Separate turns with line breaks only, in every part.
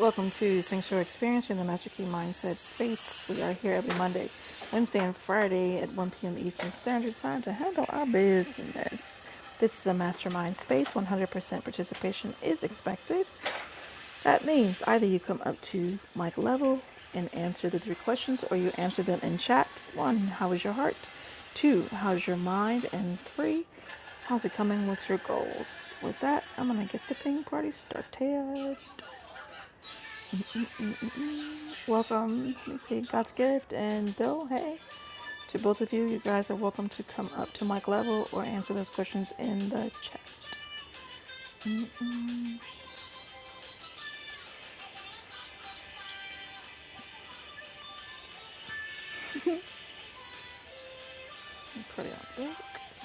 Welcome to Sanctuary Experience. You're in the Master Key Mindset Space. We are here every Monday, Wednesday, and Friday at 1 p.m. Eastern Standard Time to handle our business. This is a mastermind space. 100% participation is expected. That means either you come up to mic level and answer the three questions, or you answer them in chat. One, how is your heart? Two, how's your mind? And three, how's it coming with your goals? With that, I'm going to get the ping party started. Welcome, let's see, God's Gift and Bill, hey. To both of you, you guys are welcome to come up to mic level or answer those questions in the chat. Pretty Put it on back.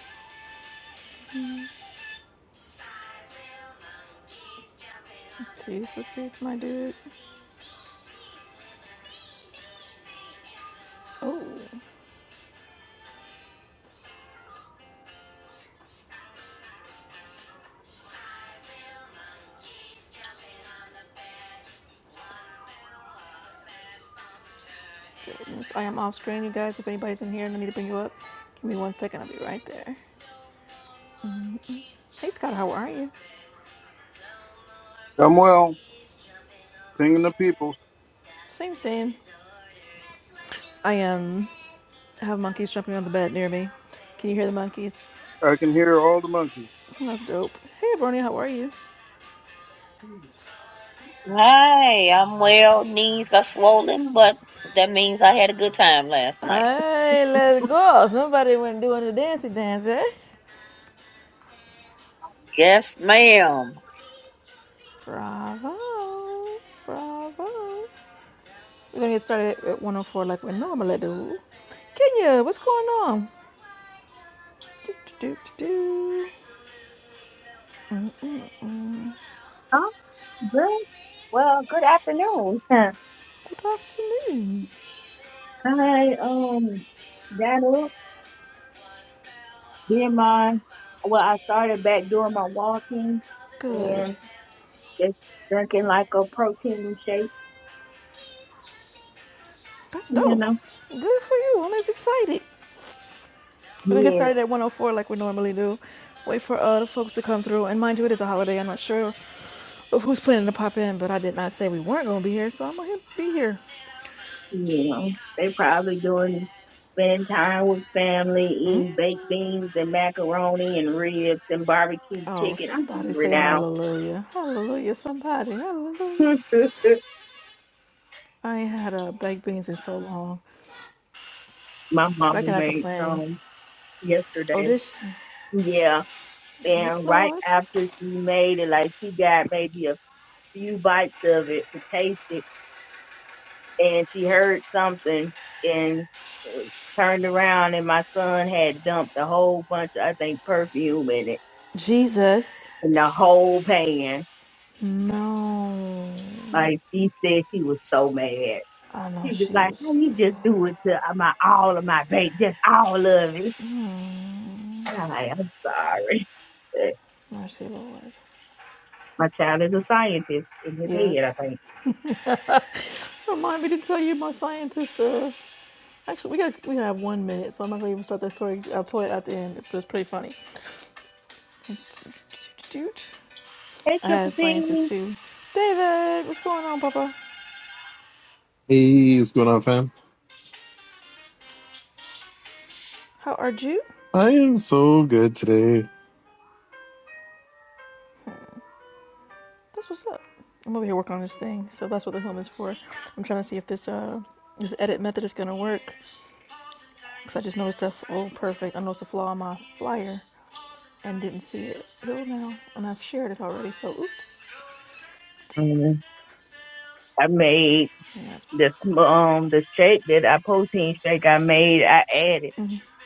Jesus Christ, my dude. Oh, goodness. I am off screen, you guys. If anybody's in here and I need to bring you up, give me one second, I'll be right there. Hey, Scott, how are you?
I'm well, pinging the people.
Same, same. I am. I have monkeys jumping on the bed near me. Can you hear the monkeys?
I can hear all the monkeys.
That's dope. Hey, Bronya, how are you?
Hi, I'm well. Knees are swollen, but that means I had a good time last night.
Hey, let's go. Somebody went doing the dancey dance, eh?
Yes, ma'am.
Bravo. Bravo. We're going to get started at 104 like we normally do. Kenya, what's going on? Do, do, do, do, do. Mm, mm, mm.
Oh, good. Well, good afternoon.
Good afternoon.
I um got up, did my well, I started back doing my walking
Good.
and just drinking like a protein shake,
That's
you
dope.
know.
Good for you. I'm as excited. We're gonna get
Yes,
started at 104 like we normally do. Wait for uh, the folks to come through. And mind you, it is a holiday. I'm not sure Who's planning to pop in? But I did not say we weren't going to be here, so I'm going to be here.
you know. They probably doing spending time with family,
Mm.
eating baked beans and macaroni and ribs and barbecue
Oh,
chicken. I'm
somebody
hungry
say
now.
hallelujah. Hallelujah, somebody. Hallelujah. I ain't had uh, baked beans in so long,
my
but I
mom
cannot
made
complain.
some yesterday.
Audition.
Yeah.
Yes,
And right
Lord.
after she made it, like she got maybe a few bites of it to taste it, and she heard something and turned around, and my son had dumped a whole bunch of, I think, perfume in it,
Jesus.
in the whole pan.
No.
Like she said, she was so mad.
I know
She was just
she
like, "How
was the
you just
Lord.
do it to uh, my all of my baby, just all of it?" And I'm like, "I'm sorry, but
Mercy, Lord.
my child is a scientist in his head,
Yes.
I think."
Remind me to tell you my scientist. Uh, actually, we got we have one minute, so I'm not gonna even start that story. I'll tell it at the end, but it's pretty funny.
Hey,
I
Triple
had
P.
scientists too. David, what's going on, Papa?
Hey, what's going on, fam?
How are you?
I am so good today.
That's what's up. I'm over here working on this thing, so that's what the helm is for. I'm trying to see if this uh this edit method is gonna work because I just noticed that oh perfect. I noticed a flaw on my flyer and didn't see it till now, and I've shared it already. So oops.
Mm, I made
Yeah.
This um the shake that I protein shake I made, I added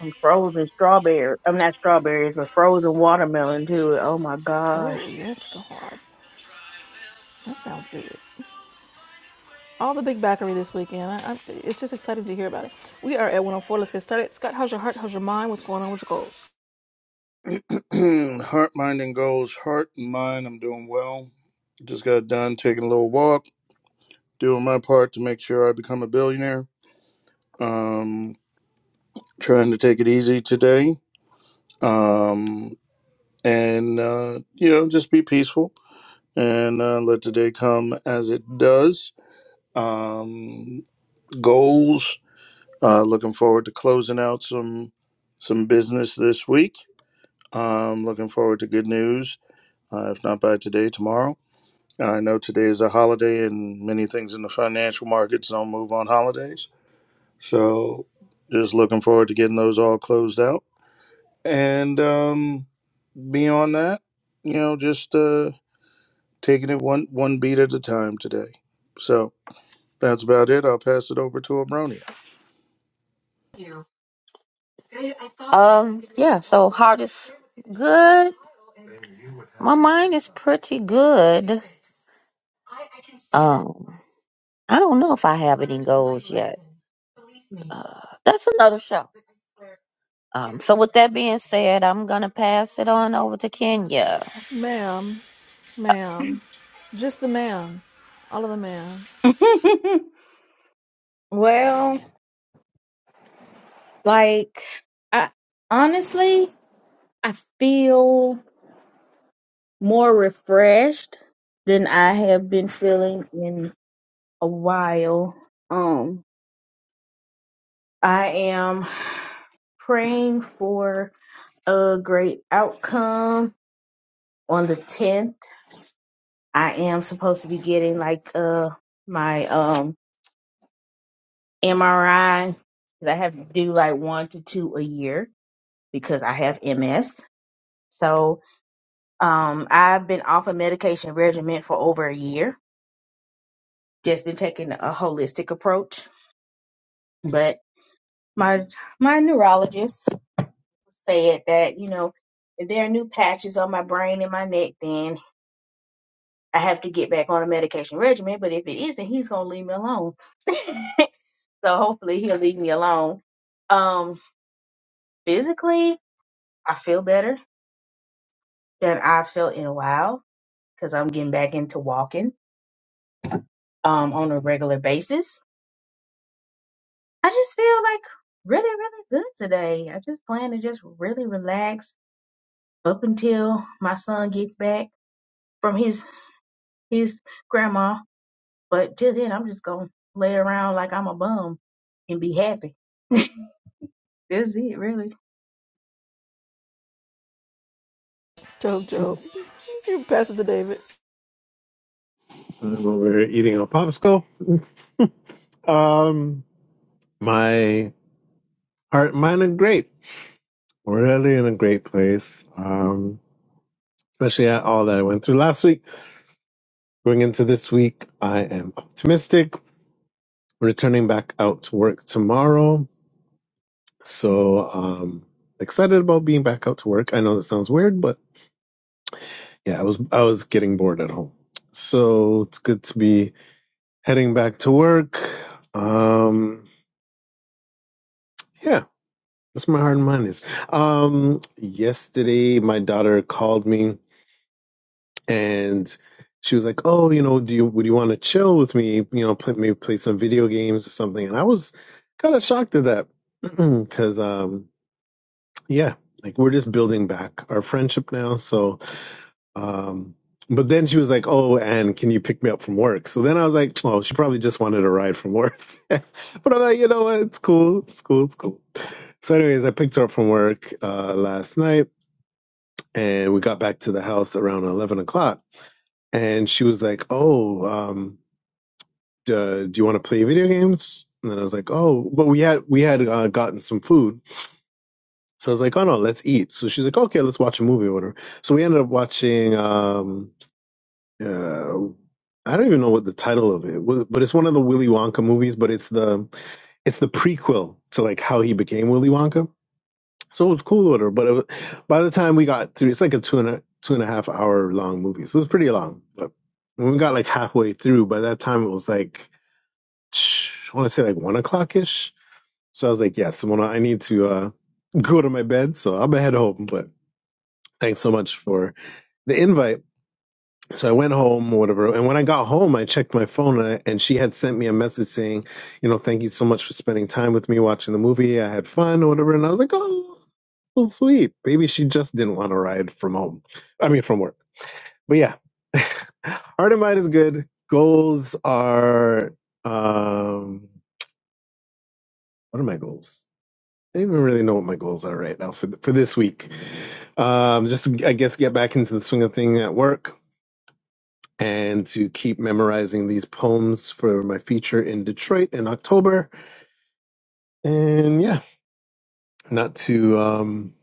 some frozen strawberry. I'm not strawberries, but frozen watermelon to it. Oh my gosh.
Oh yes, God, that sounds good. All the big backery this weekend. I, I, it's just excited to hear about it. We are at 104. Let's get started. Scott, how's your heart? How's your mind? What's going on with your goals?
heart, mind, and goals. Heart and mind, I'm doing well. Just got done taking a little walk, doing my part to make sure I become a billionaire. Um, trying to take it easy today. Um, and, uh, you know, just be peaceful and uh, let the day come as it does. Um, goals. Uh, looking forward to closing out some some business this week I'm looking forward to good news, uh, if not by today, tomorrow. I know today is a holiday and many things in the financial markets don't move on holidays. So just looking forward to getting those all closed out. And um, beyond that, you know, just uh, taking it one, one beat at a time today. So that's about it. I'll pass it over to Abronia.
Um, yeah, so heart is good. My mind is pretty good. Um, I don't know if I have any goals yet. Uh, that's another show. Um, so with that being said, I'm gonna pass it on over to Kenya.
Ma'am, ma'am, just the ma'am, all of the ma'am.
well, like I honestly, I feel more refreshed than I have been feeling in a while. Um, I am praying for a great outcome on the 10th I am supposed to be getting like uh my um MRI. 'cause I have to do like one to two a year because I have MS. So um I've been off a medication regimen for over a year. Just been taking a holistic approach. But my my neurologist said that, you know, if there are new patches on my brain and my neck, then I have to get back on a medication regimen, but if it isn't, he's gonna leave me alone. so hopefully he'll leave me alone. Um, physically, I feel better than I felt in a while because I'm getting back into walking um on a regular basis. I just feel like really, really good today. I just plan to just really relax up until my son gets back from his his grandma. But till then, I'm just gonna lay around like I'm a bum and be happy. That's it, really.
Job, Job, you pass it to David.
I'm over here eating a popsicle. Um, my heart, mind, and great. We're really in a great place. Um, especially at all that I went through last week. Going into this week, I am optimistic. Returning back out to work tomorrow. So, um, excited about being back out to work. I know that sounds weird, but yeah, I was, I was getting bored at home. So it's good to be heading back to work. Um, Yeah, that's my heart and mind is. Um, yesterday, my daughter called me and she was like, "Oh, you know, do you would you want to chill with me? You know, play, maybe play some video games or something." And I was kind of shocked at that because, um, yeah, like we're just building back our friendship now. So, um, but then she was like, "Oh, and can you pick me up from work?" So then I was like, "Oh, she probably just wanted a ride from work." but I'm like, you know what? It's cool. It's cool. It's cool. So, anyways, I picked her up from work uh, last night, and we got back to the house around eleven o'clock. And she was like, "Oh, um, uh, do you want to play video games?" And then I was like, "Oh, but we had we had uh, gotten some food." So I was like, "Oh no, let's eat." So she's like, "Okay, let's watch a movie or whatever." So we ended up watching. Um, uh, I don't even know what the title of it was, but it's one of the Willy Wonka movies. But it's the it's the prequel to like how he became Willy Wonka. So it was cool with her, but it wa- by the time we got through, it's like a two and a two and a half hour long movie, so it was pretty long. But when we got like halfway through, by that time it was like shh, I want to say like one o'clock ish. So I was like, yeah, Simona, I need to uh, go to my bed, so I'm gonna head home. But thanks so much for the invite. So I went home, or whatever. And when I got home, I checked my phone, and, I, and she had sent me a message saying, you know, thank you so much for spending time with me watching the movie. I had fun, or whatever. And I was like, oh, so sweet. Maybe she just didn't want to ride from home. I mean, from work. But yeah, heart and mind is good. Goals are, um, what are my goals? I don't even really know what my goals are right now for th- for this week. Um, just I guess get back into the swing of thing at work and to keep memorizing these poems for my feature in Detroit in October. And yeah, not to um,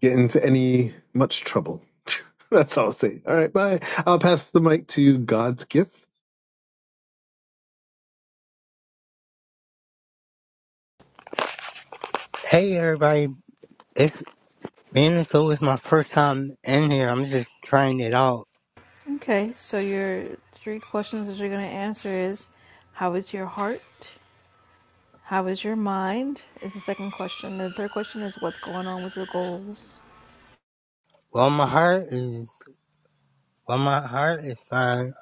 get into any much trouble. That's all I'll say. All right, bye. I'll pass the mic to God's gift.
Hey everybody, it's being this show is my first time in here. I'm just trying it out.
Okay, so your three questions that you're going to answer is how is your heart? How is your mind? Is the second question. The third question is what's going on with your goals?
Well, my heart is well, my heart is fine.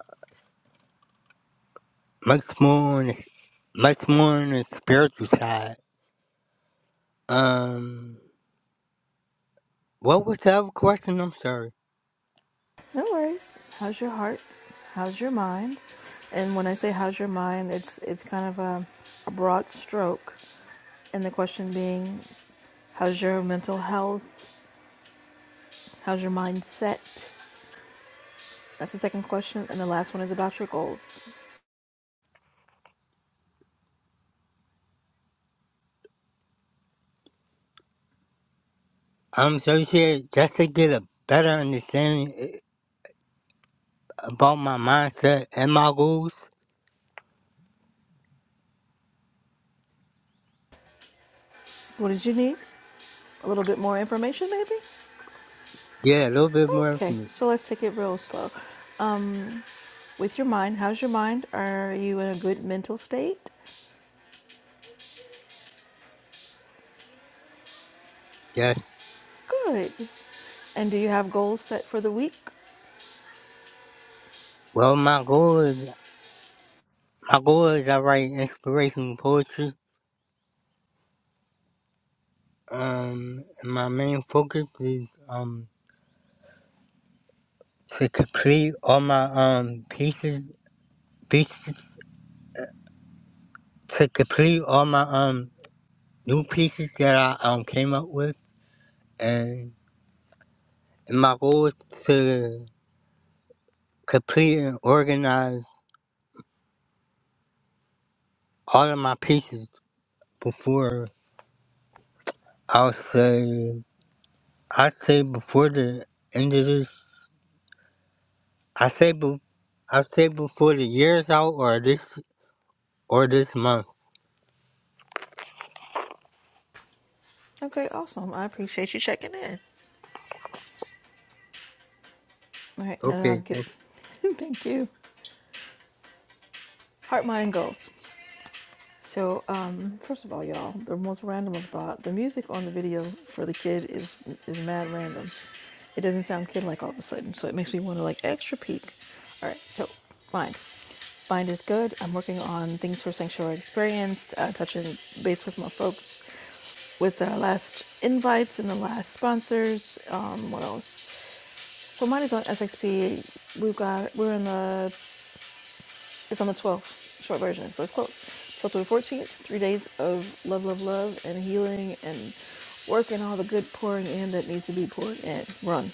Much more on the, much more on the spiritual side. Um, what was the other question? I'm sorry.
No worries. How's your heart? How's your mind? And when I say how's your mind, it's it's kind of a, a broad stroke. And the question being how's your mental health? How's your mindset? That's the second question. And the last one is about your goals.
Um, so you said just to get a better understanding i- about my mindset and my goals.
What did you need? A little bit more information, maybe?
Yeah, a little bit more for
Okay,
me.
so let's take it real slow. Um, with your mind, how's your mind? Are you in a good mental state?
Yes.
Good. And do you have goals set for the week?
Well, my goal is my goal is I write inspirational poetry Um, and my main focus is um to complete all my um pieces, pieces to complete all my um new pieces that I um came up with, and, and my goal is to complete and organize all of my pieces before I'll say I say before the end of this. I say be, I say before the year's out or this or this month.
Okay, awesome. I appreciate you checking in. All right, and
Okay,
I'll
thank. you.
get. Thank you. Heart, mind, goals. So, um, first of all, y'all, the most random of thought, the music on the video for the kid is is mad random. It doesn't sound kid like all of a sudden, so it makes me want to like extra peek. All right, so mind. Mind is good. I'm working on things for Sanctuary Experience, uh, touching base with my folks, with the last invites and the last sponsors. Um, what else? So mine is on SXP. We've got we're in the it's on the 12th, short version, so it's close. 12th through the 14th, three days of love, love, love, and healing and work and all the good pouring in that needs to be poured in. Run.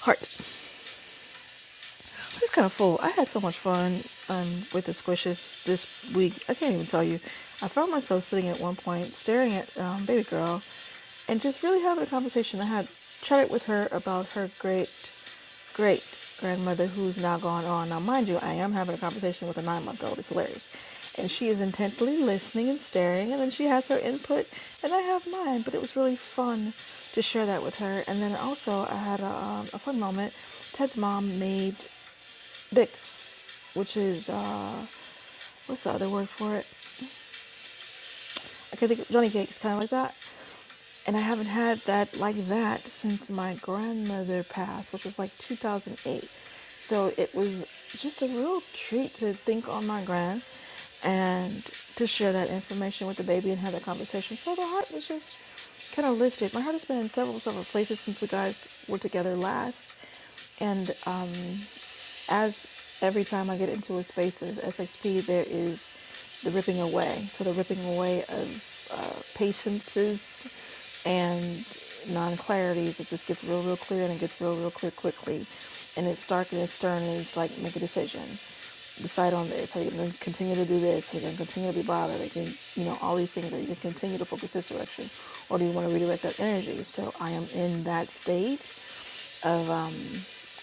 Heart. This is kind of full. I had so much fun um, with the squishes this week. I can't even tell you. I found myself sitting at one point staring at um, Baby Girl and just really having a conversation. I had chatted with her about her great, great grandmother who's now gone on. Now, mind you, I am having a conversation with a nine month old. It's hilarious. And she is intently listening and staring, and then she has her input, and I have mine. But it was really fun to share that with her. And then also, I had a, um, a fun moment. Ted's mom made Bix, which is uh, what's the other word for it? I can think of Johnny cakes, kind of like that. And I haven't had that like that since my grandmother passed, which was like 2008. So it was just a real treat to think on my grand and to share that information with the baby and have that conversation. So the heart was just kind of lifted. My heart has been in several, several places since we guys were together last. and. uh, as every time I get into a space of SXP, there is the ripping away. So the ripping away of uh, patiences and non-clarities. It just gets real, real clear, and it gets real, real clear quickly. And it's stark and it's stern, and it's like make a decision. Decide on this. Are you going to continue to do this? Are you going to continue to be bothered? Are you gonna, you know all these things. Are you going to continue to focus this direction, or do you want to redirect that energy? So I am in that stage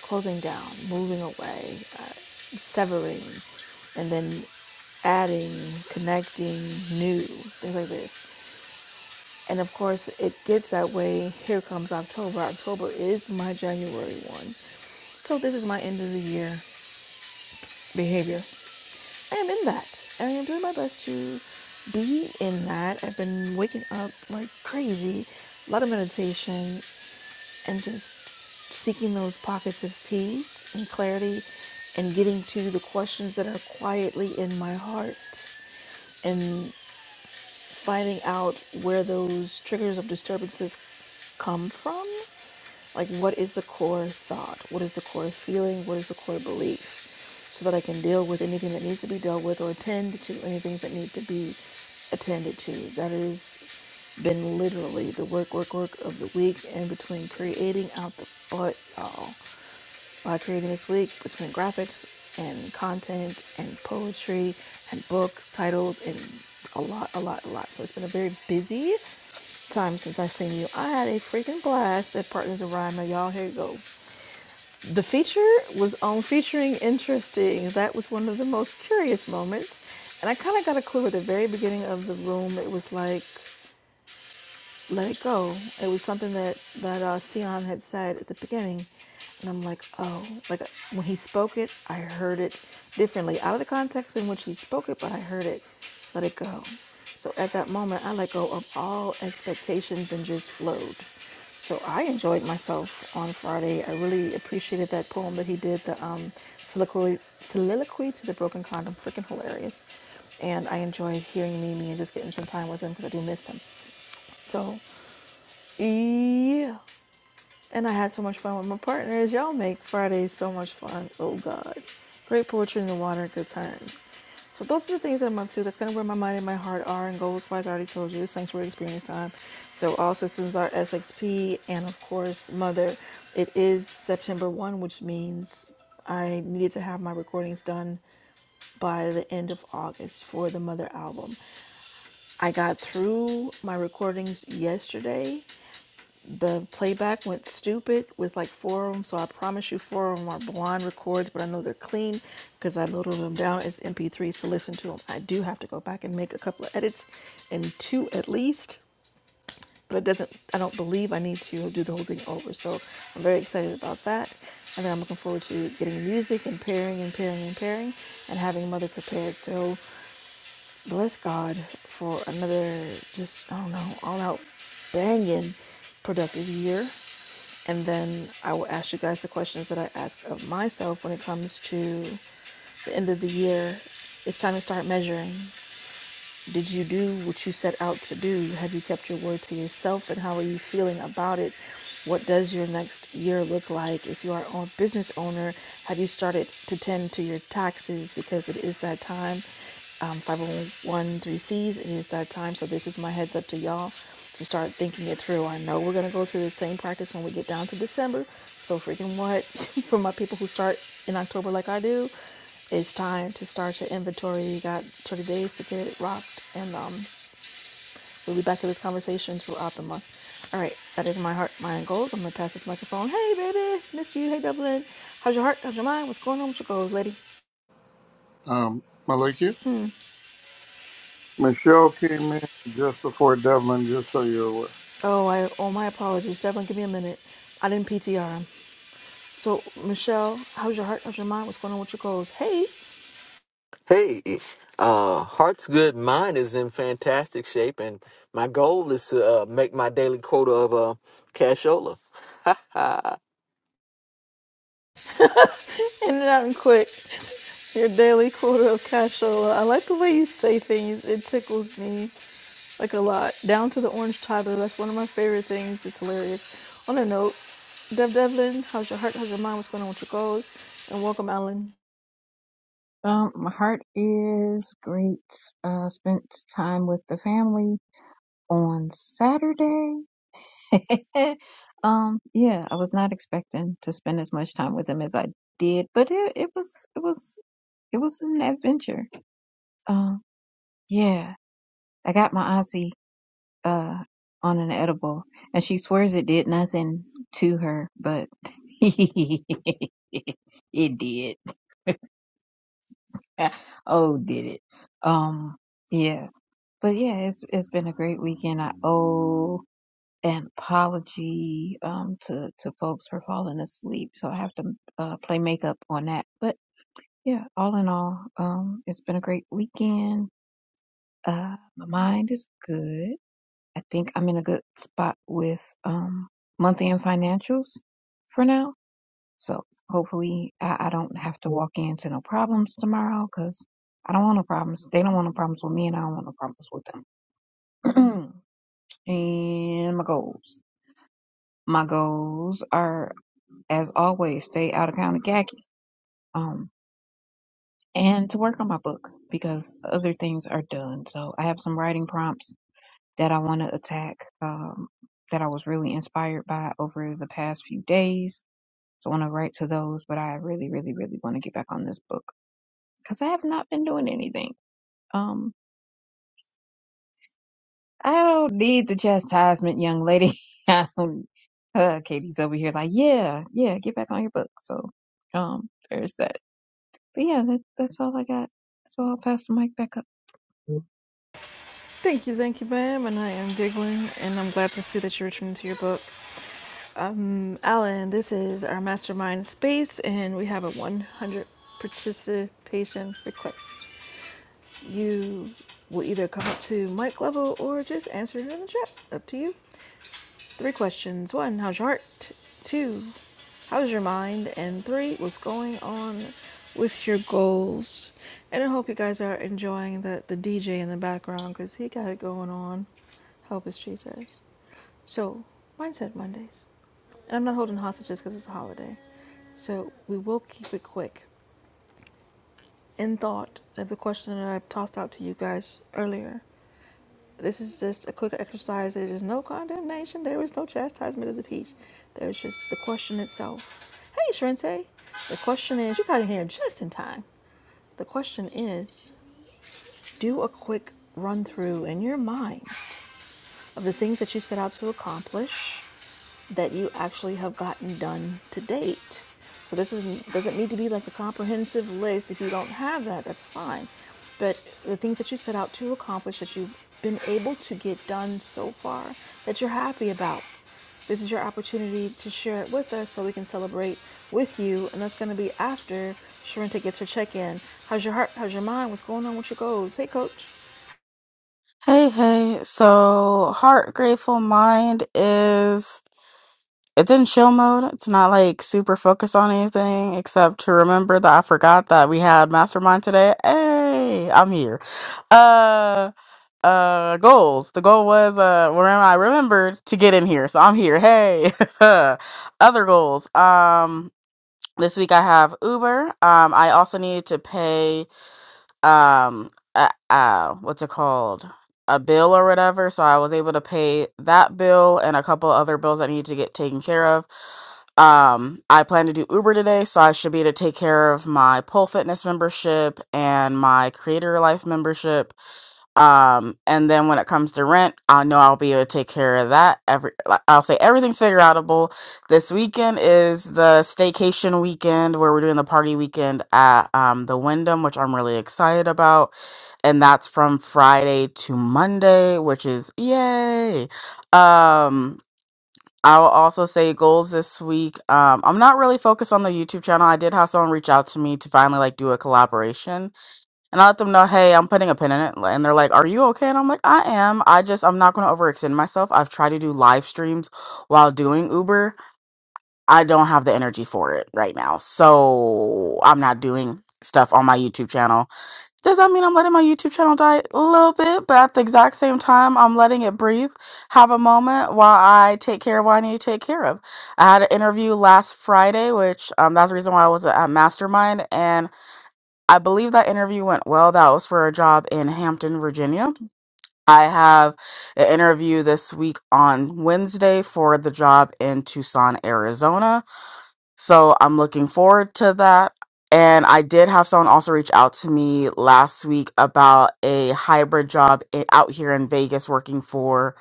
closing down, moving away, severing, and then adding, connecting, new, things like this. And of course, it gets that way. Here comes October. October is my January one. So this is my end of the year behavior. I am in that. And I am doing my best to be in that. I've been waking up like crazy. A lot of meditation, and just seeking those pockets of peace and clarity and getting to the questions that are quietly in my heart and finding out where those triggers of disturbances come from. Like, what is the core thought? What is the core feeling? What is the core belief? So that I can deal with anything that needs to be dealt with or attend to anything that need to be attended to. That has been literally the work, work, work of the week and between creating out the butt, y'all uh, creating this week between graphics and content and poetry and book titles and a lot, a lot, a lot. So it's been a very busy time since I've seen you. I had a freaking blast at Partners in Rhyme. Now, y'all, here you go. The feature was on featuring interesting. That was one of the most curious moments. And I kind of got a clue at the very beginning of the room. It was like let it go. It was something that that uh, Sion had said at the beginning, and I'm like, oh, like when he spoke it, I heard it differently out of the context in which he spoke it, but I heard it. Let it go. So at that moment, I let go of all expectations and just flowed. So I enjoyed myself on Friday. I really appreciated that poem that he did, the um, soliloquy, soliloquy to the broken condom, freaking hilarious. And I enjoyed hearing Mimi and just getting some time with him because I do miss him. So yeah. And I had so much fun with my partners. Y'all make Fridays so much fun. Oh God. Great poetry in the water, good times. So those are the things that I'm up to. That's kind of where my mind and my heart are. And goals wise, I already told you, it's sanctuary experience time. So all systems are SXP and of course mother. It is September one, which means I needed to have my recordings done by the end of August for the Mother album. I got through my recordings yesterday the playback went stupid with like four of them, so I promise you four of them are blonde records, but I know they're clean because I loaded them down as MP3s to listen to them. I do have to go back and make a couple of edits and two at least, but it doesn't, I don't believe I need to do the whole thing over. So I'm very excited about that. And then I'm looking forward to getting music and pairing and pairing and pairing and having mother prepared. So bless God for another just I don't know all out banging productive year. And then I will ask you guys the questions that I ask of myself when it comes to the end of the year. It's time to start measuring. Did you do what you set out to do? Have you kept your word to yourself? And how are you feeling about it? What does your next year look like? If you are a business owner, have you started to tend to your taxes because it is that time? Um, 501 3Cs, it is that time. So, this is my heads up to y'all to start thinking it through. I know we're going to go through the same practice when we get down to December. So, freaking what? For my people who start in October like I do, it's time to start your inventory. You got 30 days to get it rocked, and um, we'll be back to this conversation throughout the month. All right, that is my heart, mind goals. I'm gonna pass this microphone. Hey, baby, miss you. Hey, Dublin, how's your heart? How's your mind? What's going on with your goals, lady?
Um, Maliki? Michelle came in just before Devlin, just so you're aware.
Oh, I oh my apologies, Dublin. Give me a minute. I didn't PTR him. So, Michelle, how's your heart? How's your mind? What's going on with your goals? Hey,
Hey, uh, heart's good. Mine is in fantastic shape, and my goal is to uh, make my daily quota of uh, cashola. Ah.
in and out and quick. Your daily quota of cash flow. I like the way you say things. It tickles me. like a lot. Down to the orange toddler. That's one of my favorite things. It's hilarious. On a note, Dev Devlin, how's your heart? How's your mind? What's going on with your goals? And welcome, Alan.
Um, my heart is great. Uh, spent time with the family on Saturday. um, yeah, I was not expecting to spend as much time with them as I did, but it, it was, it was, it was an adventure. Um, yeah, I got my auntie, uh, on an edible and she swears it did nothing to her, but it did. oh, did it. Um, yeah. But yeah, it's it's been a great weekend. I owe an apology um to to folks for falling asleep, so I have to uh, play makeup on that. But yeah, all in all, um, it's been a great weekend. Uh, my mind is good. I think I'm in a good spot with um month end financials for now. So hopefully, I, I don't have to walk into no problems tomorrow because I don't want no problems. They don't want no problems with me, and I don't want no problems with them. And my goals. My goals are, as always, stay out of county khaki. Um, and to work on my book because other things are done. So I have some writing prompts that I want to attack. Um, that I was really inspired by over the past few days. So I want to write to those, but I really, really, really want to get back on this book because I have not been doing anything. Um. I don't need the chastisement, young lady. I don't. Uh, Katie's over here like, yeah, yeah, get back on your book. So, um, there's that. But yeah, that, that's all I got. So I'll pass the mic back up.
Thank you, thank you, ma'am. And I am giggling, and I'm glad to see that you're returning to your book. Um, Alan, this is our mastermind space, and we have a 100 participation request. You will either come up to mic level or just answer it in the chat. Up to you. Three questions. One, how's your heart? Two, how's your mind? And three, what's going on with your goals? And I hope you guys are enjoying the, the DJ in the background because he got it going on. Help us, Jesus. So, Mindset Mondays. And I'm not holding hostages because it's a holiday. So, we will keep it quick. In thought of the question that I tossed out to you guys earlier, this is just a quick exercise. There is no condemnation. There is no chastisement of the peace. There's just the question itself. Hey, Shrente. The question is, you got in here just in time. The question is, do a quick run through in your mind of the things that you set out to accomplish that you actually have gotten done to date. So this is, doesn't need to be like the comprehensive list. If you don't have that, that's fine. But the things that you set out to accomplish that you've been able to get done so far that you're happy about, this is your opportunity to share it with us so we can celebrate with you. And that's going to be after Sharenta gets her check in. How's your heart? How's your mind? What's going on with your goals? Hey, coach.
Hey, hey. So, Heart Grateful Mind is it's in chill mode. It's not like super focused on anything except to remember that I forgot that we had Mastermind today. Hey, I'm here. Uh, uh, goals. The goal was uh, remember I remembered to get in here, so I'm here. Hey. Other goals. Um, this week I have Uber. Um, I also needed to pay um uh, uh what's it called a bill or whatever so i was able to pay that bill and a couple other bills that need to get taken care of um i plan to do uber today so i should be able to take care of my pole fitness membership and my creator life membership um, and then when it comes to rent, I know I'll be able to take care of that. Every like, I'll say everything's figure outable. This weekend is the staycation weekend where we're doing the party weekend at um the Wyndham, which I'm really excited about. And that's from Friday to Monday, which is yay. Um I'll also say goals this week. Um, I'm not really focused on the YouTube channel. I did have someone reach out to me to finally like do a collaboration and I let them know, hey, I'm putting a pin in it. And they're like, are you okay? And I'm like, I am. I just, I'm not going to overextend myself. I've tried to do live streams while doing Uber. I don't have the energy for it right now. So I'm not doing stuff on my YouTube channel. Does that mean I'm letting my YouTube channel die a little bit? But at the exact same time, I'm letting it breathe, have a moment while I take care of what I need to take care of. I had an interview last Friday, which um, that's the reason why I was at Mastermind. and. I believe that interview went well. That was for a job in Hampton, Virginia. I have an interview this week on Wednesday for the job in Tucson, Arizona. So I'm looking forward to that. And I did have someone also reach out to me last week about a hybrid job i- out here in Vegas working for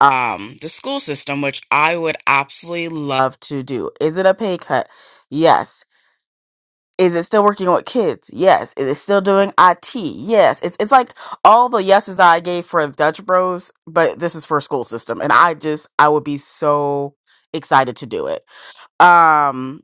um, the school system, which I would absolutely love to do. Is it a pay cut? Yes. Is it still working with kids? Yes. Is it still doing IT? Yes. It's it's like all the yeses that I gave for Dutch Bros, but this is for school system, and I just I would be so excited to do it. Um,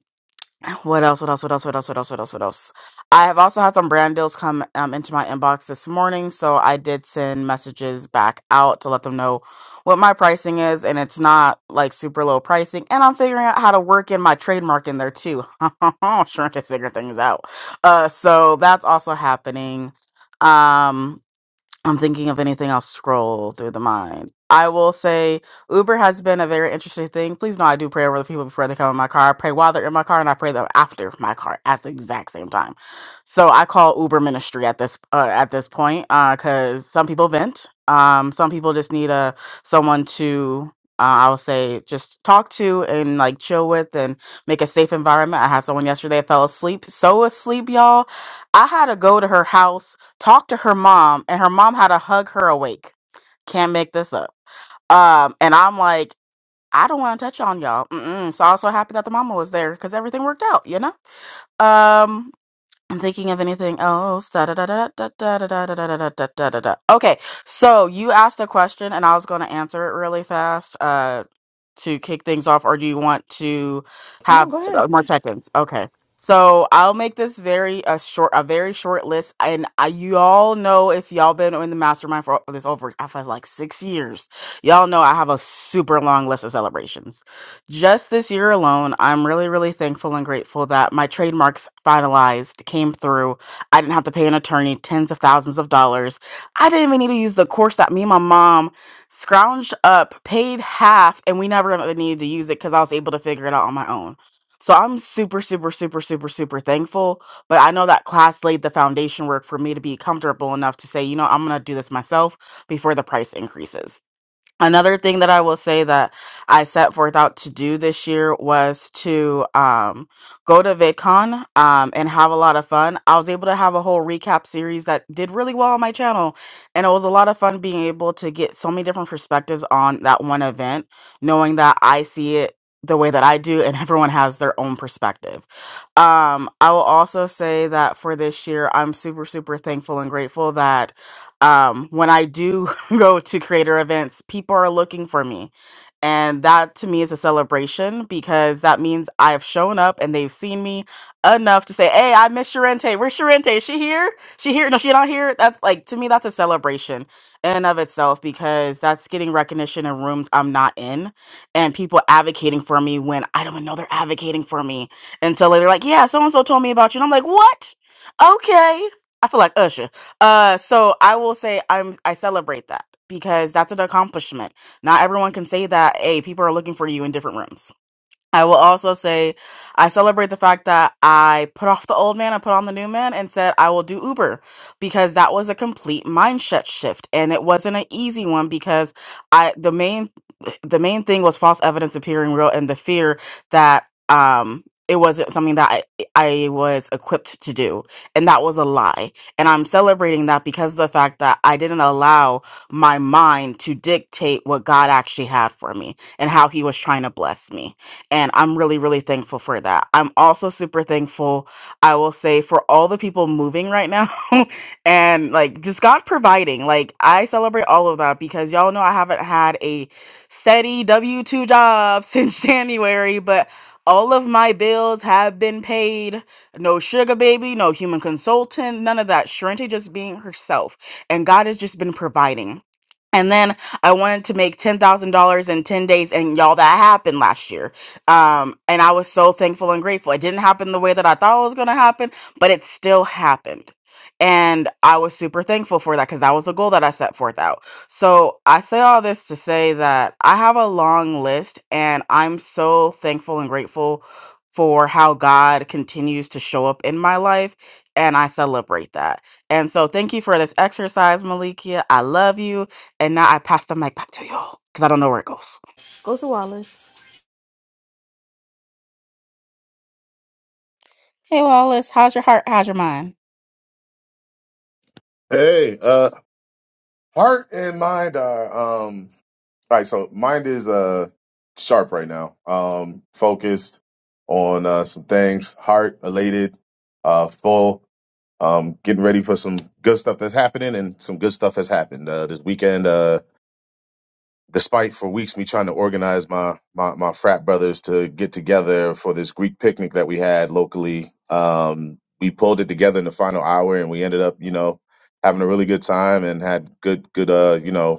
what else? What else? What else? What else? What else? What else? What else? I have also had some brand deals come um, into my inbox this morning, so I did send messages back out to let them know what my pricing is, and it's not like super low pricing. And I'm figuring out how to work in my trademark in there too. Shrink is figuring things out. Uh, so that's also happening. Um, I'm thinking of anything I'll scroll through the mind. I will say Uber has been a very interesting thing. Please know I do pray over the people before they come in my car. I pray while they're in my car and I pray them after my car at the exact same time. So I call Uber ministry at this uh, at this point because some people vent. Um, some people just need a someone to uh, I will say just talk to and like chill with and make a safe environment. I had someone yesterday fell asleep, so asleep, y'all. I had to go to her house talked to her mom and her mom had to hug her awake. Can't make this up. Um, and I'm like, I don't want to touch on y'all. Mm-mm. So I was so happy that the mama was there because everything worked out, you know? Um, I'm thinking of anything else. Da, da, da, da, da, da, da, da, da, da, da, da, da, da, da. Okay, so you asked a question and I was going to answer it really fast. Uh, to kick things off, or do you want to
No,
have
go ahead.
more check-ins? Okay. So I'll make this very a short, a very short list, and I, you all know if y'all been in the mastermind for this over for like six years, y'all know I have a super long list of celebrations. Just this year alone, I'm really, really thankful and grateful that my trademarks finalized came through. I didn't have to pay an attorney tens of thousands of dollars. I didn't even need to use the course that me and my mom scrounged up, paid half, and we never even needed to use it because I was able to figure it out on my own. So I'm super, super, super, super, super thankful. But I know that class laid the foundation work for me to be comfortable enough to say, you know, I'm going to do this myself before the price increases. Another thing that I will say that I set forth out to do this year was to um, go to VidCon um, and have a lot of fun. I was able to have a whole recap series that did really well on my channel, and it was a lot of fun being able to get so many different perspectives on that one event, knowing that I see it the way that I do, and everyone has their own perspective. Um, I will also say that for this year, I'm super, super thankful and grateful that um, when I do. go to creator events, people are looking for me. And that to me is a celebration because that means I've shown up and they've seen me enough to say, Hey, I miss Sharente. Where's Sharente? Is she here? She here? No, she not here. That's like to me, that's a celebration in and of itself because that's getting recognition in rooms I'm not in and people advocating for me when I don't even know they're advocating for me until they're like, Yeah, so and so told me about you. And I'm like, What? Okay. I feel like Usher. Uh, so I will say I'm I celebrate that because that's an accomplishment. Not everyone can say that. Hey, people are looking for you in different rooms. I will also say I celebrate the fact that I put off the old man I put on the new man and said I will do Uber because that was a complete mindset shift and it wasn't an easy one because I the main the main thing was false evidence appearing real and the fear that um it wasn't something that I, I was equipped to do and that was a lie and I'm celebrating that because of the fact that I didn't allow my mind to dictate what God actually had for me and how he was trying to bless me. And I'm really, really thankful for that. I'm also super thankful, I will say, for all the people moving right now and like just God providing. Like, I celebrate all of that because y'all know I haven't had a steady W 2 job since January, but all of my bills have been paid. No sugar baby, no human consultant, none of that. Sharente just being herself. And God has just been providing. And then I wanted to make $10,000 in 10 days, and y'all, that happened last year. Um, and I was so thankful and grateful. It didn't happen the way that I thought it was going to happen, but it still happened. And I was super thankful for that because that was a goal that I set forth out. So I say all this to say that I have a long list and I'm so thankful and grateful for how God continues to show up in my life. And I celebrate that. And so thank you for this exercise, Malikia. I love you. And now I pass the mic back to you because I don't know where it goes.
Go to Wallace.
Hey, Wallace, how's your heart? How's your mind?
Hey, uh, heart and mind are um Right, so. Mind is uh sharp right now. Um, focused on uh some things. Heart elated, uh, full. Um, getting ready for some good stuff that's happening, and some good stuff has happened uh, this weekend. Uh, despite for weeks me trying to organize my my, my frat brothers to get together for this Greek picnic that we had locally, um, we pulled it together in the final hour, and we ended up, you know, having a really good time and had good good uh you know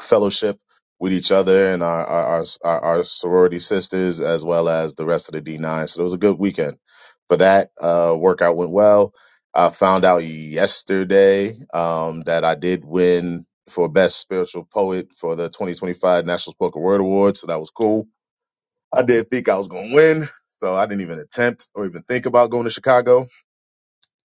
fellowship with each other and our our, our our sorority sisters as well as the rest of the D9. So it was a good weekend. For that uh, workout went well. I found out yesterday um, that I did win for best spiritual poet for the 2025 National Spoken Word Award. So that was cool. I did think I was going to win, so I didn't even attempt or even think about going to Chicago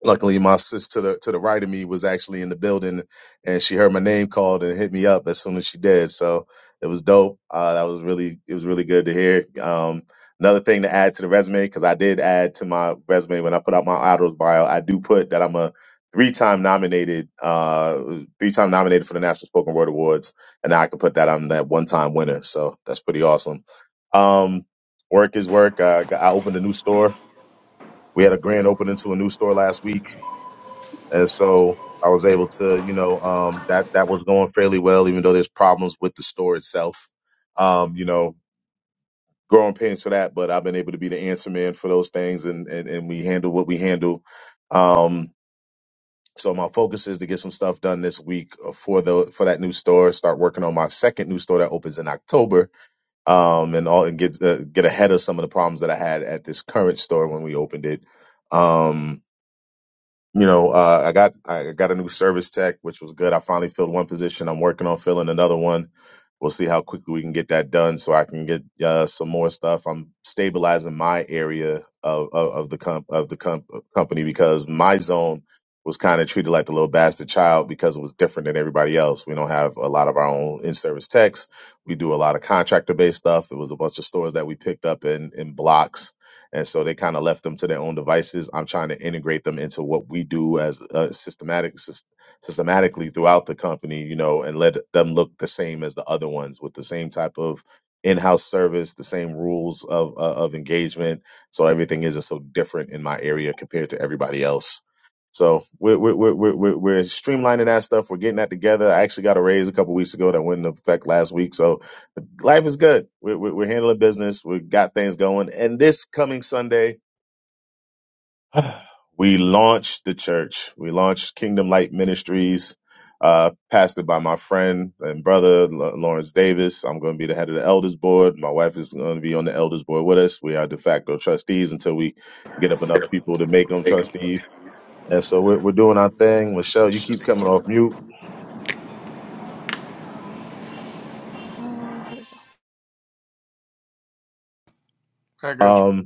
luckily my sis to the to the right of me was actually in the building and she heard my name called and hit me up as soon as she did so it was dope uh, that was really it was really good to hear um, another thing to add to the resume because i did add to my resume when i put out my idols bio i do put that i'm a three-time nominated uh three-time nominated for the national spoken word awards and i can put that on that one-time winner so that's pretty awesome um work is work uh, i opened a new store we had a grand opening to a new store last week and so I was able to, you know, um, that that was going fairly well, even though there's problems with the store itself. Um, you know, growing pains for that, but I've been able to be the answer man for those things, and and, and we handle what we handle. Um, so my focus is to get some stuff done this week uh, for the for that new store. Start working on my second new store that opens in October, um, and all and get uh, get ahead of some of the problems that I had at this current store when we opened it. Um, you know, uh, I got I got a new service tech, which was good. I finally filled one position. I'm working on filling another one. We'll see how quickly we can get that done, so I can get uh, some more stuff. I'm stabilizing my area of of, of the comp of the comp- uh, company because my zone was kind of treated like the little bastard child because it was different than everybody else. We don't have a lot of our own in-service techs. We do a lot of contractor-based stuff. It was a bunch of stores that we picked up in in blocks and so they kind of left them to their own devices. I'm trying to integrate them into what we do as uh, systematic sys- systematically throughout the company, you know, and let them look the same as the other ones with the same type of in-house service, the same rules of uh, of engagement. So everything isn't so different in my area compared to everybody else. So we're we're we're we're, we're we're streamlining that stuff. We're getting that together. I actually got a raise a couple weeks ago that went into effect last week. So life is good. We're, we're, we're handling business. We got things going. And this coming Sunday, we launched the church. We launched Kingdom Light Ministries, uh, pastored by my friend and brother, L- Lawrence Davis. I'm going to be the head of the elders board. My wife is going to be on the elders board with us. We are de facto trustees until we get up enough people to make them trustees. And so we're, we're doing our thing. Michelle, you keep coming off mute.
Uh, there you go.
I got you.
Um,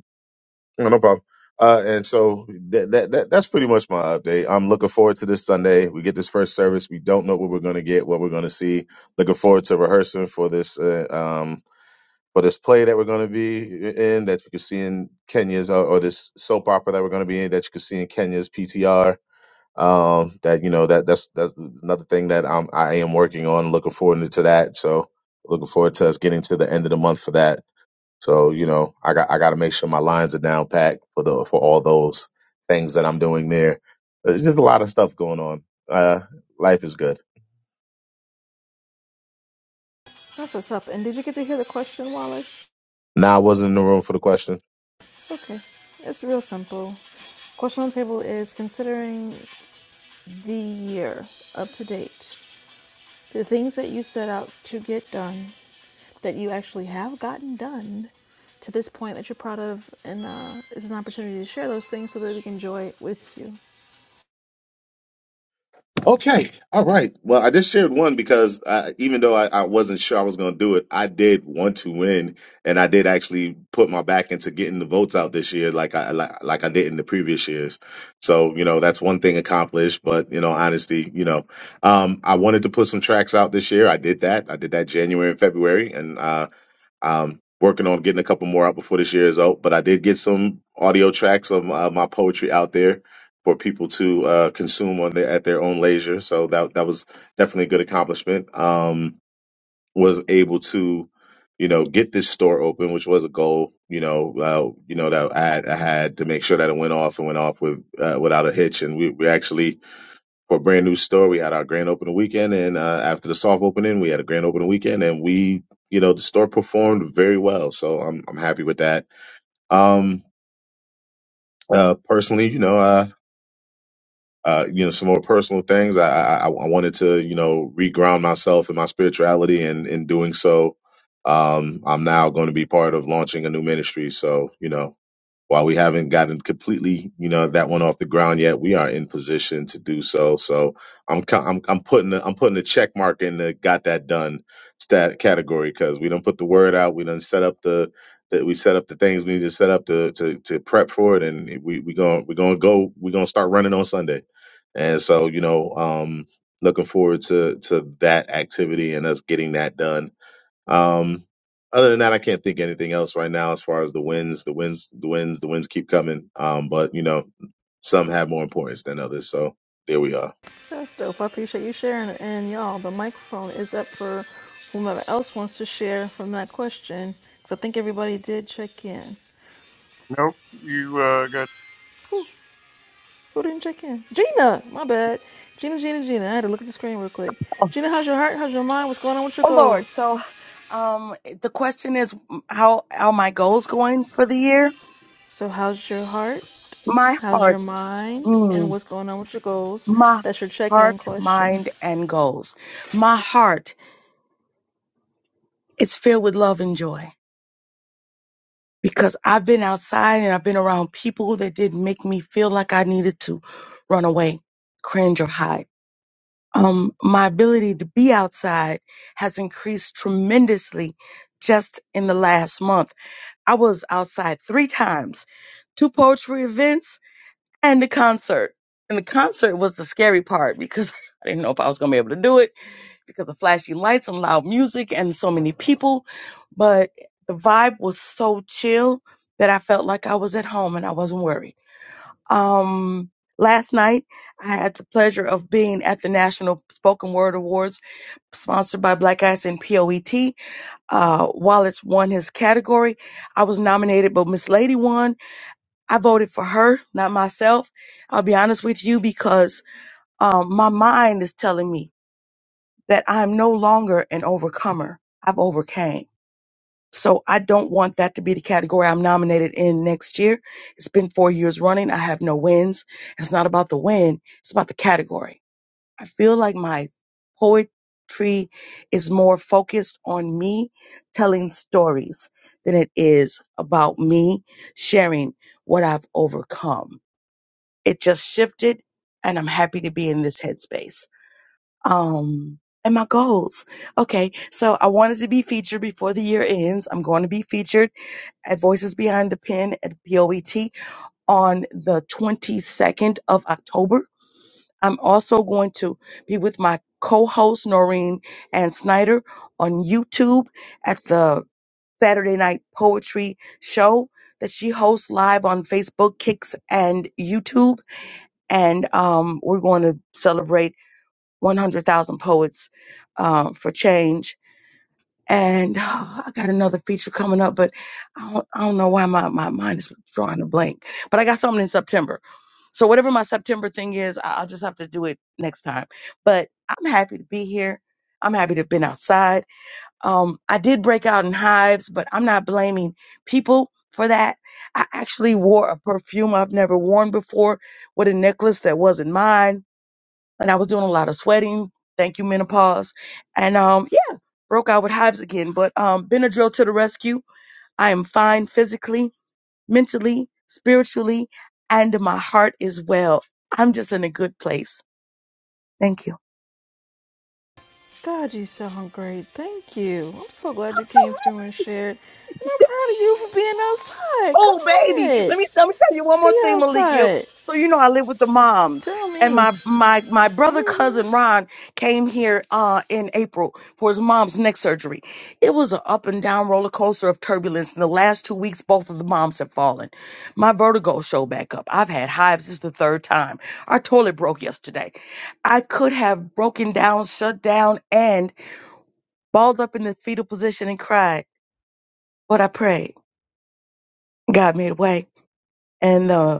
No, no problem. Uh, and so that, that that that's pretty much my update. I'm looking forward to this Sunday. We get this first service. We don't know what we're going to get, what we're going to see. Looking forward to rehearsing for this uh, um for this play that we're going to be in that you can see in Kenya's uh, or this soap opera that we're going to be in that you can see in Kenya's PTR. Um, that you know that that's that's another thing that I'm I am working on. Looking forward to that. So looking forward to us getting to the end of the month for that. So you know, I got I got to make sure my lines are down packed for the for all those things that I'm doing there. There's just a lot of stuff going on. Uh, life is good.
That's what's up. And did you get to hear the question, Wallace?
Now I wasn't in the room for the question.
Okay, it's real simple. Question on the table is considering the year up to date, the things that you set out to get done, that you actually have gotten done to this point that you're proud of, and uh, it's an opportunity to share those things so that we can enjoy it with you.
Okay. All right. Well, I just shared one because uh, even though I, I wasn't sure I was going to do it, I did want to win, and I did actually put my back into getting the votes out this year, like I like, like I did in the previous years. So you know that's one thing accomplished. But you know, honesty, you know, um, I wanted to put some tracks out this year. I did that. I did that January and February, and uh, um, working on getting a couple more out before this year is out, but I did get some audio tracks of my, my poetry out there for people to uh, consume on their, at their own leisure. So that that was definitely a good accomplishment. Um, was able to, you know, get this store open, which was a goal. You know, uh, you know that I had, I had to make sure that it went off and went off with uh, without a hitch, and we we actually for a brand new store. We had our grand opening weekend, and uh, after the soft opening, we had a grand opening weekend, and we, you know, the store performed very well. So I'm I'm happy with that. Um, uh, personally, you know, uh, uh, you know, some more personal things. I, I I I wanted to, you know, reground myself in my spirituality, and in doing so, um, I'm now going to be part of launching a new ministry. So you know, While we haven't gotten completely, you know, that one off the ground yet, we are in position to do so. So I'm co- I'm, I'm putting a, I'm putting a check mark in the got that done stat category because we don't put the word out. We done set up the that we set up the things we need to set up to to, to prep for it, and we we going we're gonna go we're gonna start running on Sunday. And so you know, um, looking forward to to that activity and us getting that done um, other than that, I can't think of anything else right now as far as the wins, the wins, the wins, the wins keep coming. Um, but you know, some have more importance than others. So there we are.
That's dope. I appreciate you sharing. it. And y'all, the microphone is up for whomever else wants to share from that question, because I think everybody did check in.
Nope, you uh,
Whew. Who didn't check in? Gina, my bad. Gina, Gina, Gina. I had to look at the screen real quick.
Oh,
Gina, how's your heart? How's your mind? What's going on with your
oh Lord.
goals?
So, um, the question is, m- how are my goals going for the year?
So, how's your heart?
My
How's your
heart,
mind? And
mm,
what's going on with your goals?
my
That's your check in
heart, mind,
questions.
and goals. My heart, it's filled with love and joy because I've been outside and I've been around people that didn't make me feel like I needed to run away, cringe, or hide. Um, my ability to be outside has increased tremendously just in the last month I was outside three times, two poetry events and the concert. And the concert was the scary part because I didn't know if I was going to be able to do it because of flashy lights and loud music and so many people. But the vibe was so chill that I felt like I was at home and I wasn't worried. Um, last night, I had the pleasure of being at the National Spoken Word Awards sponsored by Black Eyes and POET uh, Wallace won his category. I was nominated, but Miss Lady won. I voted for her, not myself. I'll be honest with you because um, my mind is telling me that I'm no longer an overcomer. I've overcame. So I don't want that to be the category I'm nominated in next year. It's been four years running. I have no wins. It's not about the win. It's about the category. I feel like my poetry is more focused on me telling stories than it is about me sharing what I've overcome. It just shifted and I'm happy to be in this headspace. Um, and my goals. Okay. So I wanted to be featured before the year ends. I'm going to be featured at Voices Behind the Pen at POET on the 22nd of October. I'm also going to be with my co-host Noreen and Snyder on YouTube at the Saturday Night Poetry Show that she hosts live on Facebook, Kicks, and YouTube. And um, we're going to celebrate 100,000 poets uh, for change and oh, I got another feature coming up, but I don't, I don't know why my, my mind is drawing a blank. But I got something in September. So whatever my September thing is, I- I'll just have to do it next time. But I'm happy to be here. I'm happy to have been outside. Um, I did break out in hives, but I'm not blaming people for that. I actually wore a perfume I've never worn before with a necklace that wasn't mine, and I was doing a lot of sweating. Thank you, menopause. And um, broke out with hives again, but um, Benadryl to the rescue. I am fine physically, mentally, spiritually, and my heart is well. I'm just in a good place. Thank you.
God, you sound great. Thank you. I'm so glad you came through and shared. And I'm proud of you for being outside.
Oh,
Go
baby.
ahead.
Let me let me tell you one more
Be
thing, Malikia.
outside.
So you know I live with the moms,
Tell
and
me.
my my my brother
hmm
cousin Ron came here uh in April for his mom's neck surgery. It was an up and down roller coaster of turbulence. In the last two weeks, both of the moms have fallen. My vertigo showed back up. I've had hives. This is the third time. Our toilet broke yesterday. I could have broken down, shut down, and balled up in the fetal position and cried, but I prayed. God made a way, and uh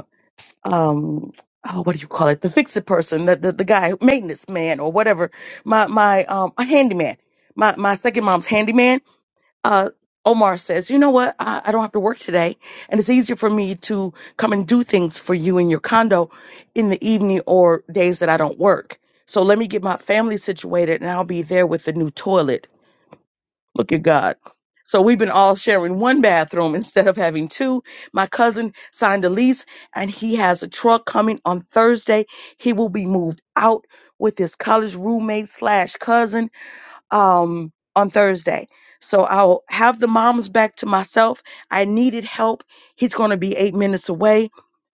um oh what do you call it the fix it person the, the the guy maintenance man or whatever my my um a handyman my my second mom's handyman uh Omar says, you know what? I, I don't have to work today. And it's easier for me to come and do things for you in your condo in the evening or days that I don't work. So let me get my family situated and I'll be there with the new toilet Look at God. So we've been all sharing one bathroom instead of having two. My cousin signed a lease and he has a truck coming on Thursday. He will be moved out with his college roommate slash cousin um, on Thursday. So I'll have the moms back to myself. I needed help. He's going to be eight minutes away.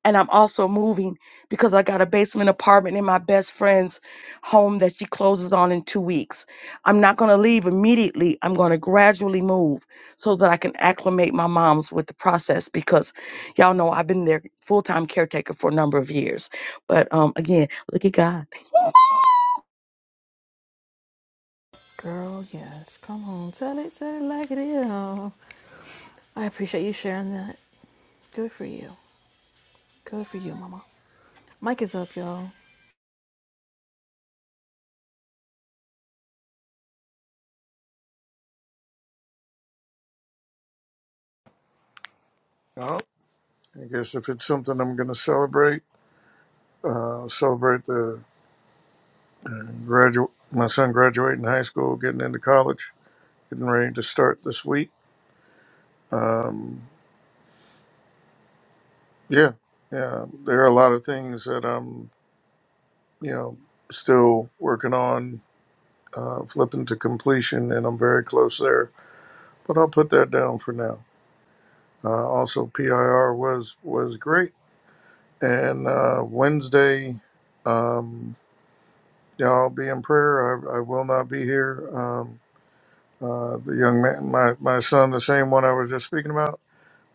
And I'm also moving because I got a basement apartment in my best friend's home that she closes on in two weeks. I'm not going to leave immediately. I'm going to gradually move so that I can acclimate my moms with the process because y'all know I've been their full time caretaker for a number of years. But um, again, look at God.
Girl, yes. Come on. Tell it, tell it like it is. Oh, I appreciate you sharing that. Good for you. Good for you, Mama. Mike is up, y'all.
got I guess if it's something I'm going to celebrate, uh, celebrate the graduate, my son graduating high school, getting into college, getting ready to start this week. Um, yeah, yeah. There are a lot of things that I'm, you know, still working on, uh, flipping to completion, and I'm very close there. But I'll put that down for now. Uh, also, PIR was was great, and uh, Wednesday. Um, yeah, I'll be in prayer. I, I will not be here. Um, Uh, the young man, my, my son, the same one I was just speaking about,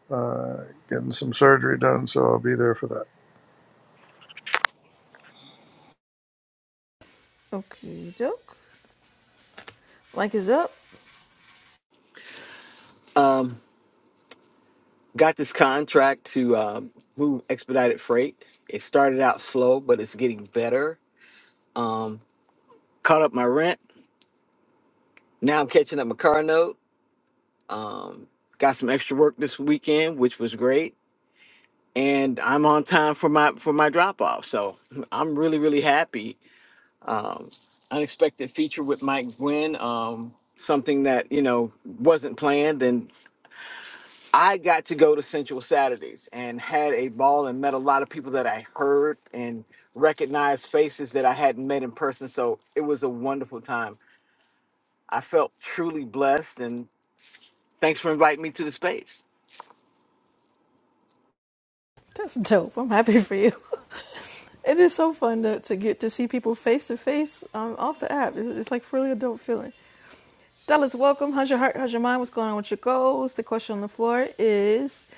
uh, getting some surgery done, so I'll be there for that.
Okay, doke. Mike is up.
um, got this contract to um, move expedited freight. It started out slow, but it's getting better. Um, caught up my rent. Now I'm catching up my car note. Got some extra work this weekend, which was great, and I'm on time for my for my drop off. So I'm really really happy um, unexpected feature with Mike Gwynn, um, something that you know wasn't planned, and I got to go to Sensual Saturdays and had a ball and met a lot of people that I heard and recognized faces that I hadn't met in person. So it was a wonderful time. I felt truly blessed, and thanks for inviting me to the space.
That's dope. I'm happy for you. It is so fun to, to get to see people face to face um, off the app. It's, it's like really a dope feeling. Dallas, welcome. How's your heart? How's your mind? What's going on with your goals? The question on the floor is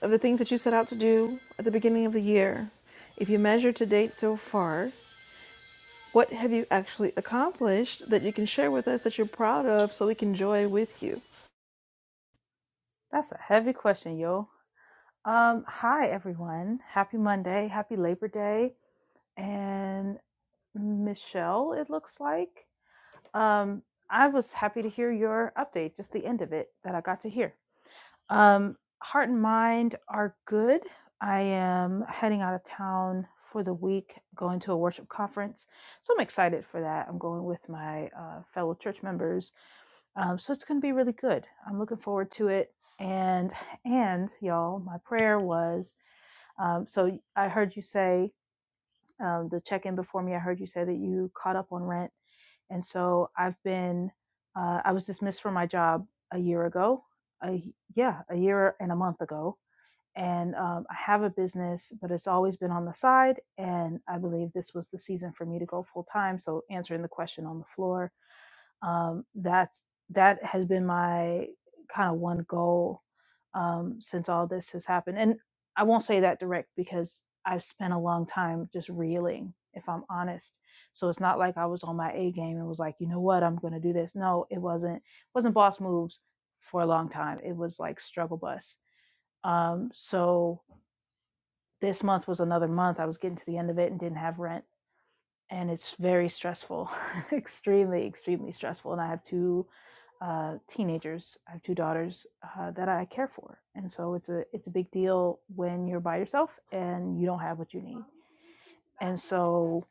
of the things that you set out to do at the beginning of the year, if you measure to date so far, what have you actually accomplished that you can share with us that you're proud of so we can joy with you?
That's a heavy question, yo. Um, hi everyone. Happy Monday. Happy Labor Day. And Michelle, it looks like. Um, I was happy to hear your update, just the end of it that I got to hear. Um, heart and mind are good. I am heading out of town for the week, going to a worship conference. So I'm excited for that. I'm going with my uh, fellow church members um, so it's going to be really good. I'm looking forward to it. And and y'all, my prayer was um, so I heard you say um, the check in before me. I heard you say that you caught up on rent, and so I've been uh, I was dismissed from my job a year ago. A, y- yeah, a year and a month ago. And um, I have a business, but it's always been on the side. And I believe this was the season for me to go full time. So answering the question on the floor, um, that that has been my kind of one goal um, since all this has happened. And I won't say that direct because I've spent a long time just reeling, if I'm honest. So it's not like I was on my A game and was like, you know what, I'm going to do this. No, it wasn't. wasn't boss moves for a long time. It was like struggle bus. Um, so this month was another month. I was getting to the end of it and didn't have rent, and it's very stressful, extremely, extremely stressful. And I have two uh, teenagers. I have two daughters uh, that I care for, and so it's a it's a big deal when you're by yourself and you don't have what you need. And so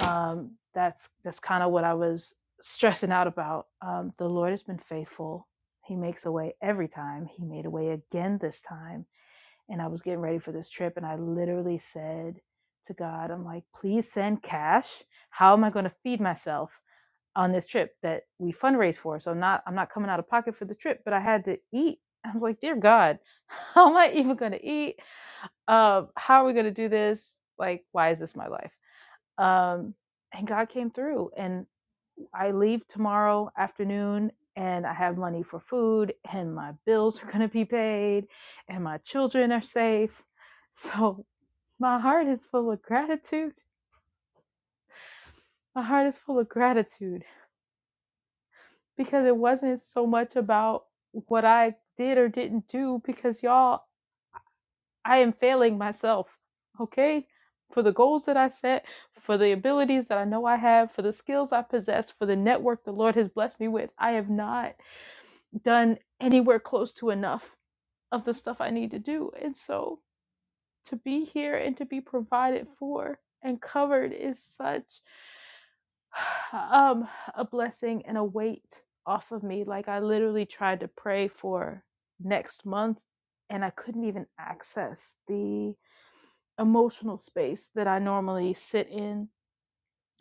um, that's that's kind of what I was stressing out about. Um, the Lord has been faithful. He makes a way every time. He made a way again this time. And I was getting ready for this trip, and I literally said to God, "I'm like, please send cash. How am I going to feed myself?" on this trip that we fundraise for. So I'm not I'm not coming out of pocket for the trip, but I had to eat. I was like, dear God, how am I even gonna eat? Uh, how are we gonna do this? Like, why is this my life? Um, and God came through and I leave tomorrow afternoon and I have money for food and my bills are gonna be paid and my children are safe. So my heart is full of gratitude. My heart is full of gratitude because it wasn't so much about what I did or didn't do because y'all, I am failing myself, okay? For the goals that I set, for the abilities that I know I have, for the skills I possess, for the network the Lord has blessed me with, I have not done anywhere close to enough of the stuff I need to do. And so to be here and to be provided for and covered is such um a blessing and a weight off of me like i literally tried to pray for next month and i couldn't even access the emotional space that i normally sit in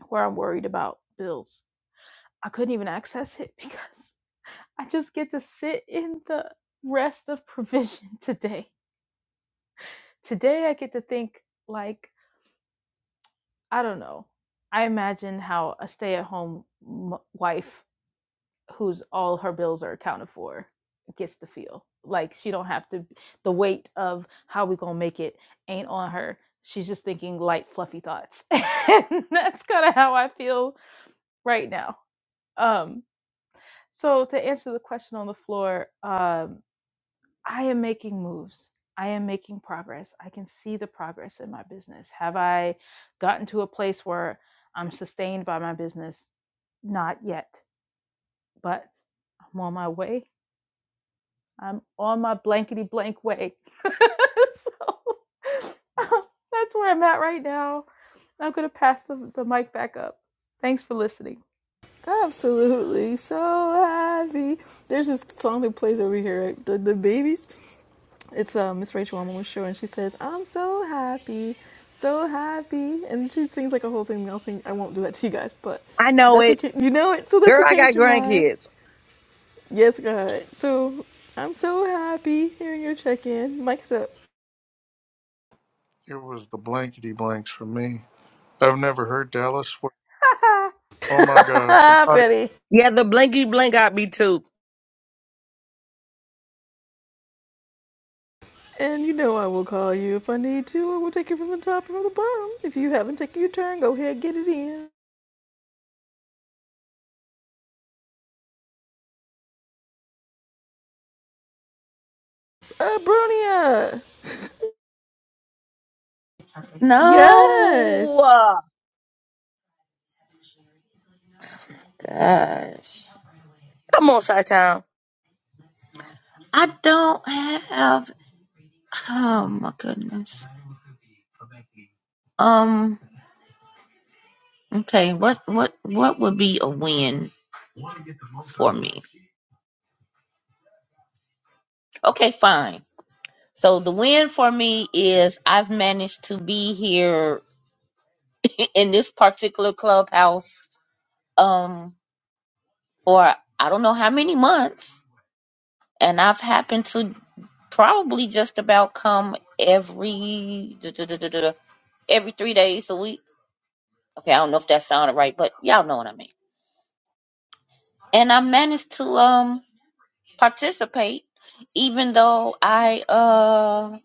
where i'm worried about bills i couldn't even access it because i just get to sit in the rest of provision today today i get to think like i don't know i imagine how a stay-at-home m- wife Who's all her bills are accounted for gets to feel like she don't have to the weight of how we gonna make it ain't on her she's just thinking light fluffy thoughts and that's kind of how i feel right now um so to answer the question on the floor um i am making moves i am making progress i can see the progress in my business have i gotten to a place where i'm sustained by my business not yet but i'm on my way I'm on my blankety blank way. so um, that's where I'm at right now. I'm going to pass the, the mic back up. Thanks for listening.
Absolutely so happy. There's this song that plays over here, right? the the babies. It's uh, Miss Rachel on the show, and she says, "I'm so happy, so happy," and she sings like a whole thing. I'll sing. I won't do that to you guys, but
I know
that's
it.
what came, you know it. So that's
Girl,
what
I
came
got
to mind.
grandkids.
Yes, God. So I'm so happy hearing your check in. Mike's up,
It was the blankety blanks for me. I've never heard Dallas swear. Oh my God, the body.
Penny.
Yeah, the blinky blink got me too.
and you know I will call you if I need to. I will take you from the top and from the bottom. If you haven't taken your turn, go ahead get it in. Uh, Brunia.
No,
Yes.
gosh,
Come on, Chi Town.
I don't have. Oh my goodness. Um. Okay. What what what would be a win for me? Okay, fine. So the win for me is I've managed to be here in this particular clubhouse um for I don't know how many months, and I've happened to probably just about come every duh, duh, duh, duh, duh, duh, every three days a week. Okay, I don't know if that sounded right, but y'all know what I mean. And I managed to um participate even though I uh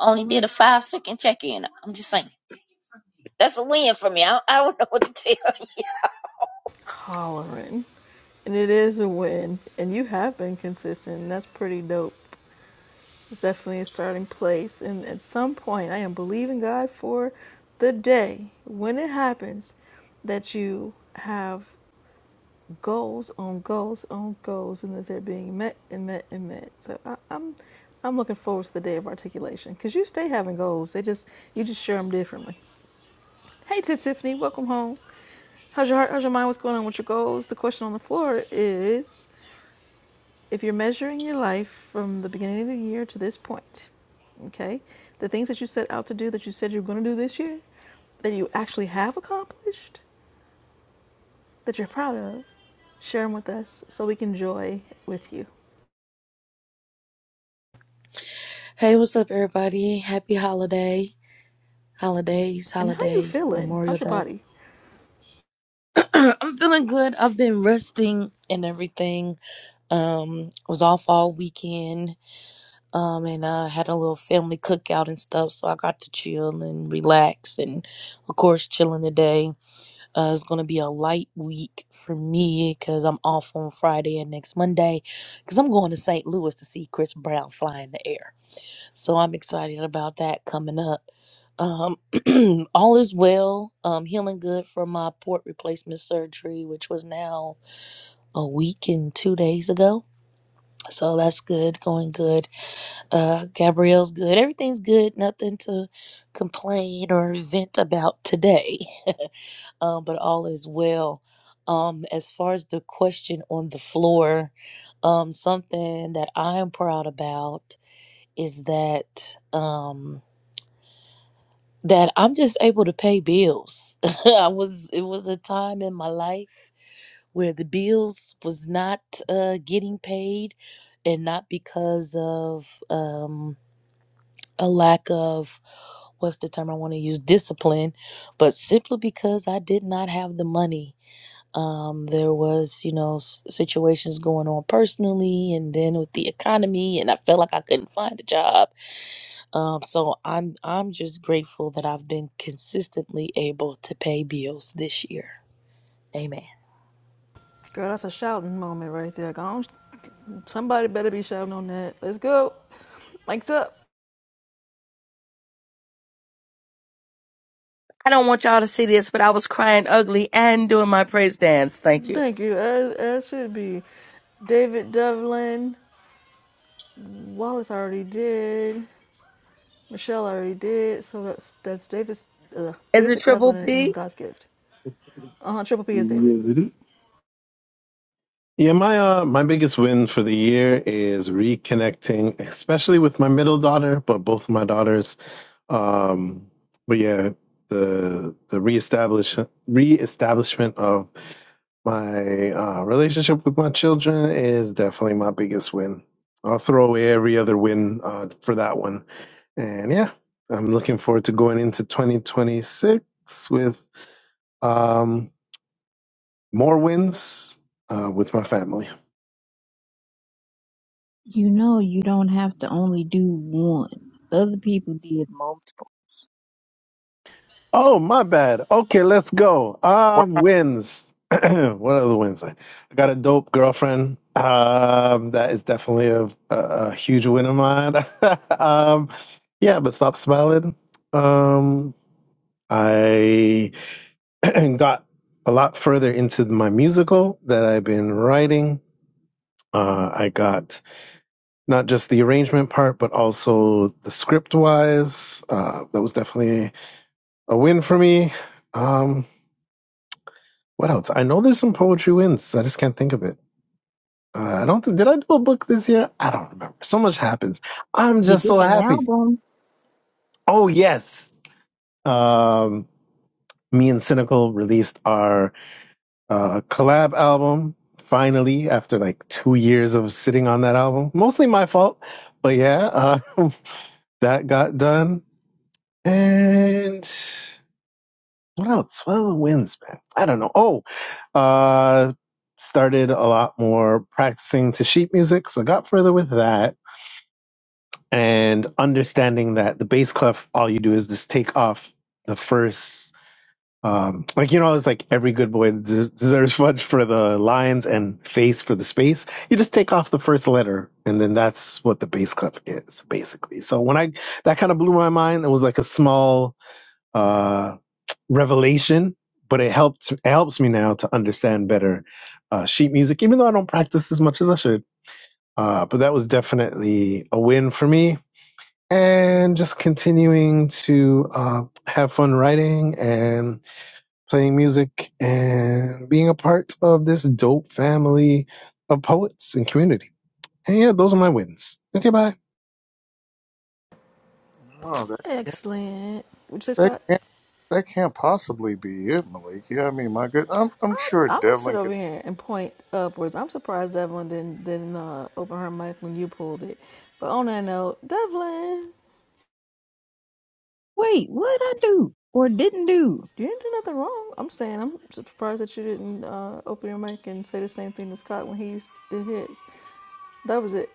only did a five second check in. I'm just saying that's a win for me. I, I don't know what to tell. you.
Hollering. And it is a win. And you have been consistent. And that's pretty dope. It's definitely a starting place. And at some point, I am believing God for the day when it happens that you have goals on goals on goals and that they're being met and met and met. So I, I'm. I'm looking forward to the day of articulation because you stay having goals. They just you just share them differently. Hey, Tip Tiffany, welcome home. How's your heart? How's your mind? What's going on with your goals? The question on the floor is if you're measuring your life from the beginning of the year to this point, okay, the things that you set out to do that you said you are going to do this year, that you actually have accomplished, that you're proud of, share them with us so we can joy with you.
Hey, what's up, everybody? Happy holiday, holidays,
And how you
holiday,
feeling?
Memorial
How's your
Day.
body?
I'm feeling good. I've been resting and everything. Um, was off all weekend. Um, and I had a little family cookout and stuff, so I got to chill and relax, and of course, chilling today. Uh, it's gonna be a light week for me because I'm off on Friday and next Monday, because I'm going to St. Louis to see Chris Brown fly in the air. So I'm excited about that coming up. Um, all is well. Um, healing good from my port replacement surgery, which was now a week and two days ago. So that's good, going good. Uh, Gabrielle's good. Everything's good. Nothing to complain or vent about today. Um, but all is well. Um, as far as the question on the floor, um, something that I am proud about is that. Um, that I'm just able to pay bills. I was it was a time in my life where the bills was not uh, getting paid, and not because of um, a lack of what's the term I want to use discipline, but simply because I did not have the money. Um, there was you know s- situations going on personally, and then with the economy, and I felt like I couldn't find a job um, so I'm I'm just grateful that I've been consistently able to pay bills this year. Amen.
Girl, that's a shouting moment right there. Somebody better be shouting on that. Let's go. Mike's up.
I don't want y'all to see this, but I was crying ugly and doing my praise dance. Thank you.
Thank you. As, as should be. David Devlin. Wallace already did. Michelle already did. So that's that's David's, uh,
Is it
David Devlin
triple
and
P?
God's gift. Uh huh. Triple P is David.
Yes, it is. Yeah, my uh, my biggest win for the year is reconnecting, especially with my middle daughter, but both of my daughters. Um, but yeah, the the reestablish reestablishment of My uh, relationship with my children is definitely my biggest win. I'll throw away every other win uh, for that one. And yeah, I'm looking forward to going into 2026 with um, more wins uh, with my family.
You know, you don't have to only do one. Other people did multiple.
Oh, my bad. Okay, let's go.
Wow,
Um, wins. what are the wins? I got a dope girlfriend. Um, that is definitely a, a, a huge win of mine. um, yeah, but stop smiling. Um, I got a lot further into my musical that I've been writing. Uh, I got not just the arrangement part, but also the script wise. Uh, that was definitely a win for me. Um, What else? I know there's some poetry wins. I just can't think of it. Uh, I don't. Th- did I do a book this year? I don't remember. So much happens. I'm
You
just so
did an
happy.
album.
Oh yes. Um, me and Cynical released our uh, collab album finally after like two years of sitting on that album. Mostly my fault, but yeah, uh, that got done. And what else? What are the wins, man? I don't know. Oh, uh, started a lot more practicing to sheet music, so I got further with that and understanding that the bass clef, all you do is just take off the first. Um, like you know, it's like every good boy des- deserves fudge for the lines and face for the space. You just take off the first letter, and then that's what the bass clef is basically. So when I that kind of blew my mind, it was like a small uh revelation, but it helped it helps me now to understand better uh, sheet music, even though I don't practice as much as I should. Uh, but that was definitely a win for me, and just continuing to uh, have fun writing and playing music and being a part of this dope family of poets and community. And yeah, those are my wins. Okay, bye.
wow, that, can't,
Excellent. What you say,
that,
Scott?
can't, that can't possibly be it, Malik. Yeah, I mean, my good. I'm, I'm
I,
sure
I'm gonna sit
Devlin can.
over here and point upwards. I'm surprised Devlin didn't didn't uh, open her mic when you pulled it. But on that note, Devlin,
Wait, what I do or didn't do?
you didn't do nothing wrong. I'm saying I'm surprised that you didn't uh, open your mic and say the same thing to Scott when he did his. That was it.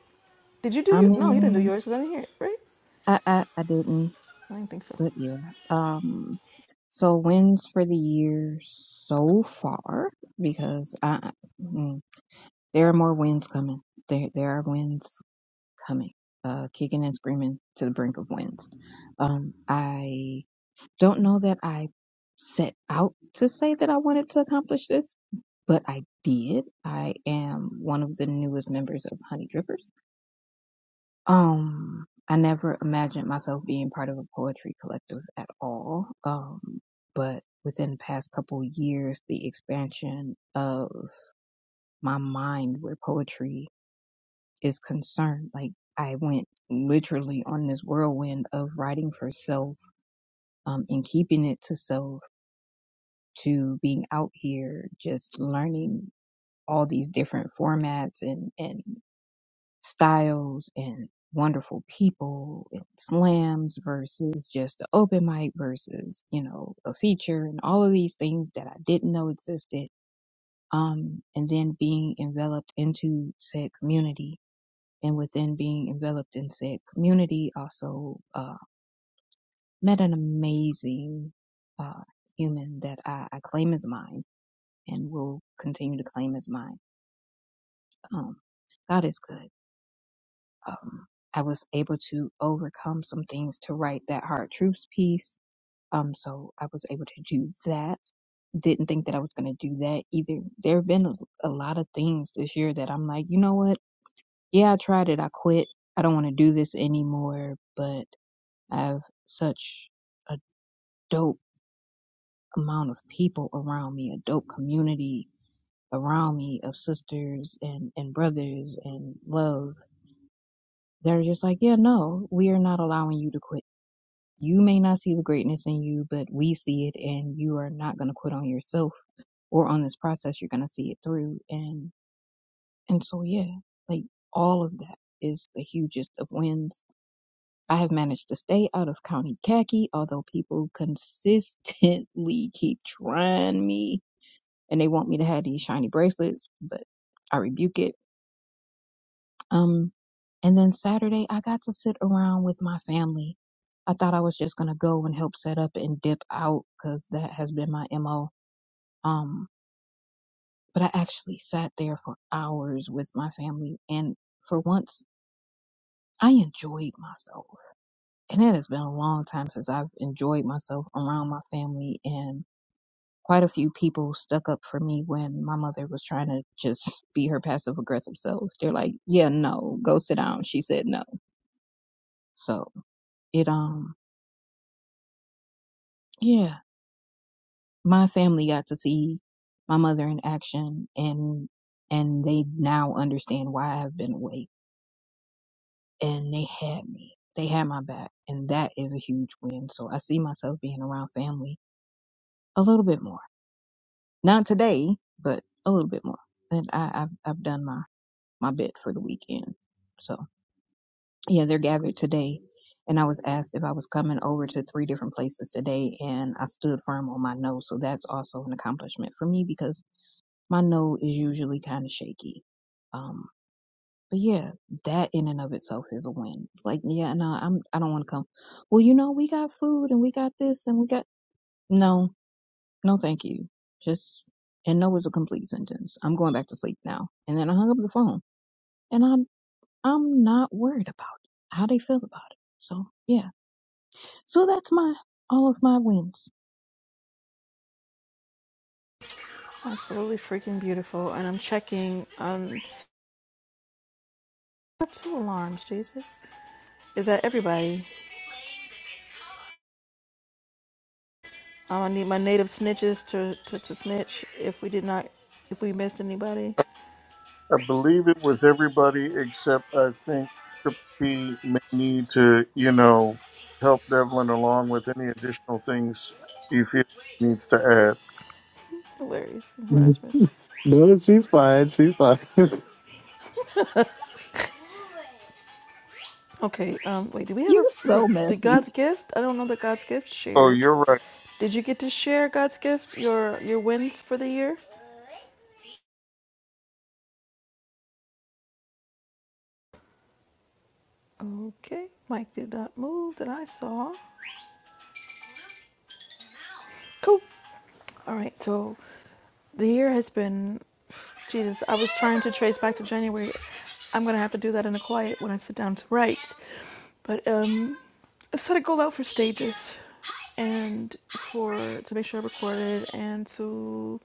Did you do
I
your? No, you didn't do
mean,
yours. 'cause I didn't hear it, right?
I I, I didn't.
I didn't think so.
But yeah. Um so wins for the year so far because I mm, there are more wins coming. There there are wins coming. Uh kicking and screaming to the brink of wins. Um I don't know that I set out to say that I wanted to accomplish this, but I did. I am one of the newest members of Honey Drippers um, I never imagined myself being part of a poetry collective at all. Um, but within the past couple years, the expansion of my mind where poetry is concerned, like I went literally on this whirlwind of writing for self, um, and keeping it to self to being out here just learning all these different formats and, and styles and wonderful people and slams versus just the open mic versus you know a feature and all of these things that I didn't know existed um and then being enveloped into said community and within being enveloped in said community also uh met an amazing uh human that I, I claim as mine and will continue to claim as mine um God is good um, I was able to overcome some things to write that hard truths piece. Um, so I was able to do that. Didn't think that I was going to do that either. There have been a, a lot of things this year that I'm like, you know what? Yeah, I tried it. I quit. I don't want to do this anymore. But I have such a dope amount of people around me, a dope community around me of sisters and, and brothers and love. They're just like, yeah, no, we are not allowing you to quit You may not see the greatness in you, but we see it, and you are not going to quit on yourself or on this process. You're going to see it through. And, and so, yeah, like all of that is the hugest of wins. I have managed to stay out of county khaki, although people consistently keep trying me and they want me to have these shiny bracelets, but I rebuke it Um, and then Saturday, I got to sit around with my family. I thought I was just going to go and help set up and dip out because that has been my MO. Um, but I actually sat there for hours with my family. And for once, I enjoyed myself. And it has been a long time since I've enjoyed myself around my family. And quite a few people stuck up for me when my mother was trying to just be her passive aggressive self. They're like, yeah, no, go sit down. She said no. So it, um, Yeah, my family got to see my mother in action, and and they now understand why I've been away. And they had me, they had my back, and that is a huge win. So I see myself being around family a little bit more. Not today, but a little bit more. And I, I've I've done my my bit for the weekend. So yeah, they're gathered today. And I was asked if I was coming over to three different places today, and I stood firm on my no. So that's also an accomplishment for me because my no is usually kind of shaky. Um, but yeah, that in and of itself is a win. Like, yeah, no, I'm I don't want to come. Well, you know, we got food and we got this and we got no, no, thank you. Just and no is a complete sentence. I'm going back to sleep now. And then I hung up the phone, and I'm I'm not worried about how they feel about it. So yeah, so that's my all of my wins.
Absolutely freaking beautiful. And I'm checking. Um, I two alarms. Jesus, is that everybody? Um, I need my native snitches to, to to snitch if we did not, if we missed anybody.
I believe it was everybody except I think Triple P may need to, you know, help Devlin along with any additional things he feels he needs to add.
Hilarious and harassment.
No, she's fine. She's fine.
Okay. Um, wait. Did we ever?
You
Because
so
did
messy.
God's gift? I don't know that God's gift
Oh,
shared.
you're right.
Did you get to share God's gift? Your your wins for the year? Okay. Mike did not move that I saw. Cool. All right, so the year has been, Jesus, I was trying to trace back to January. I'm going to have to do that in the quiet when I sit down to write. But um, I set a goal out for stages and for to make sure I recorded and to,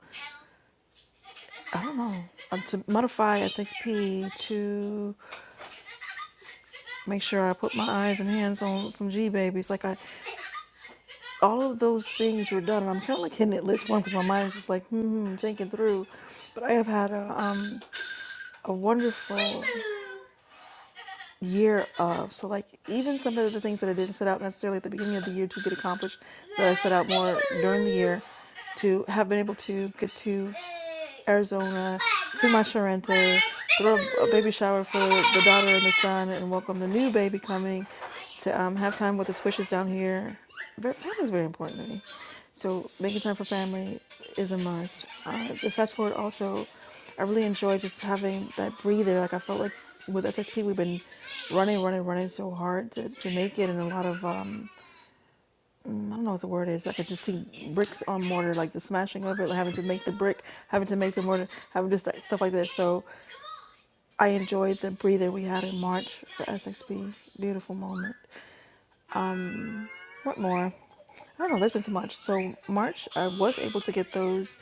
I don't know, um, to modify SXP, to make sure I put my eyes and hands on some G babies. Like, I, all of those things were done. And I'm kind of like hitting it list one because my mind is just like, hmm, hmm, thinking through. But I have had a, um, a wonderful year of. So, like, even some of the things that I didn't set out necessarily at the beginning of the year to get accomplished, that I set out more during the year to have been able to get to. Arizona, see my Sharenta, throw a baby shower for the daughter and the son, and welcome the new baby coming to um, have time with the squishes down here. Family is very important to me. So making time for family is a must. Uh, the fast forward also, I really enjoy just having that breather. Like I felt like with SSP, we've been running, running, running so hard to, to make it, and a lot of um, I don't know what the word is. I could just see bricks on mortar, like the smashing of it, like having to make the brick, having to make the mortar, having just that stuff like that. So I enjoyed the breather we had in March for SXP. Beautiful moment. What more? I don't know. There's been so much. So March, I was able to get those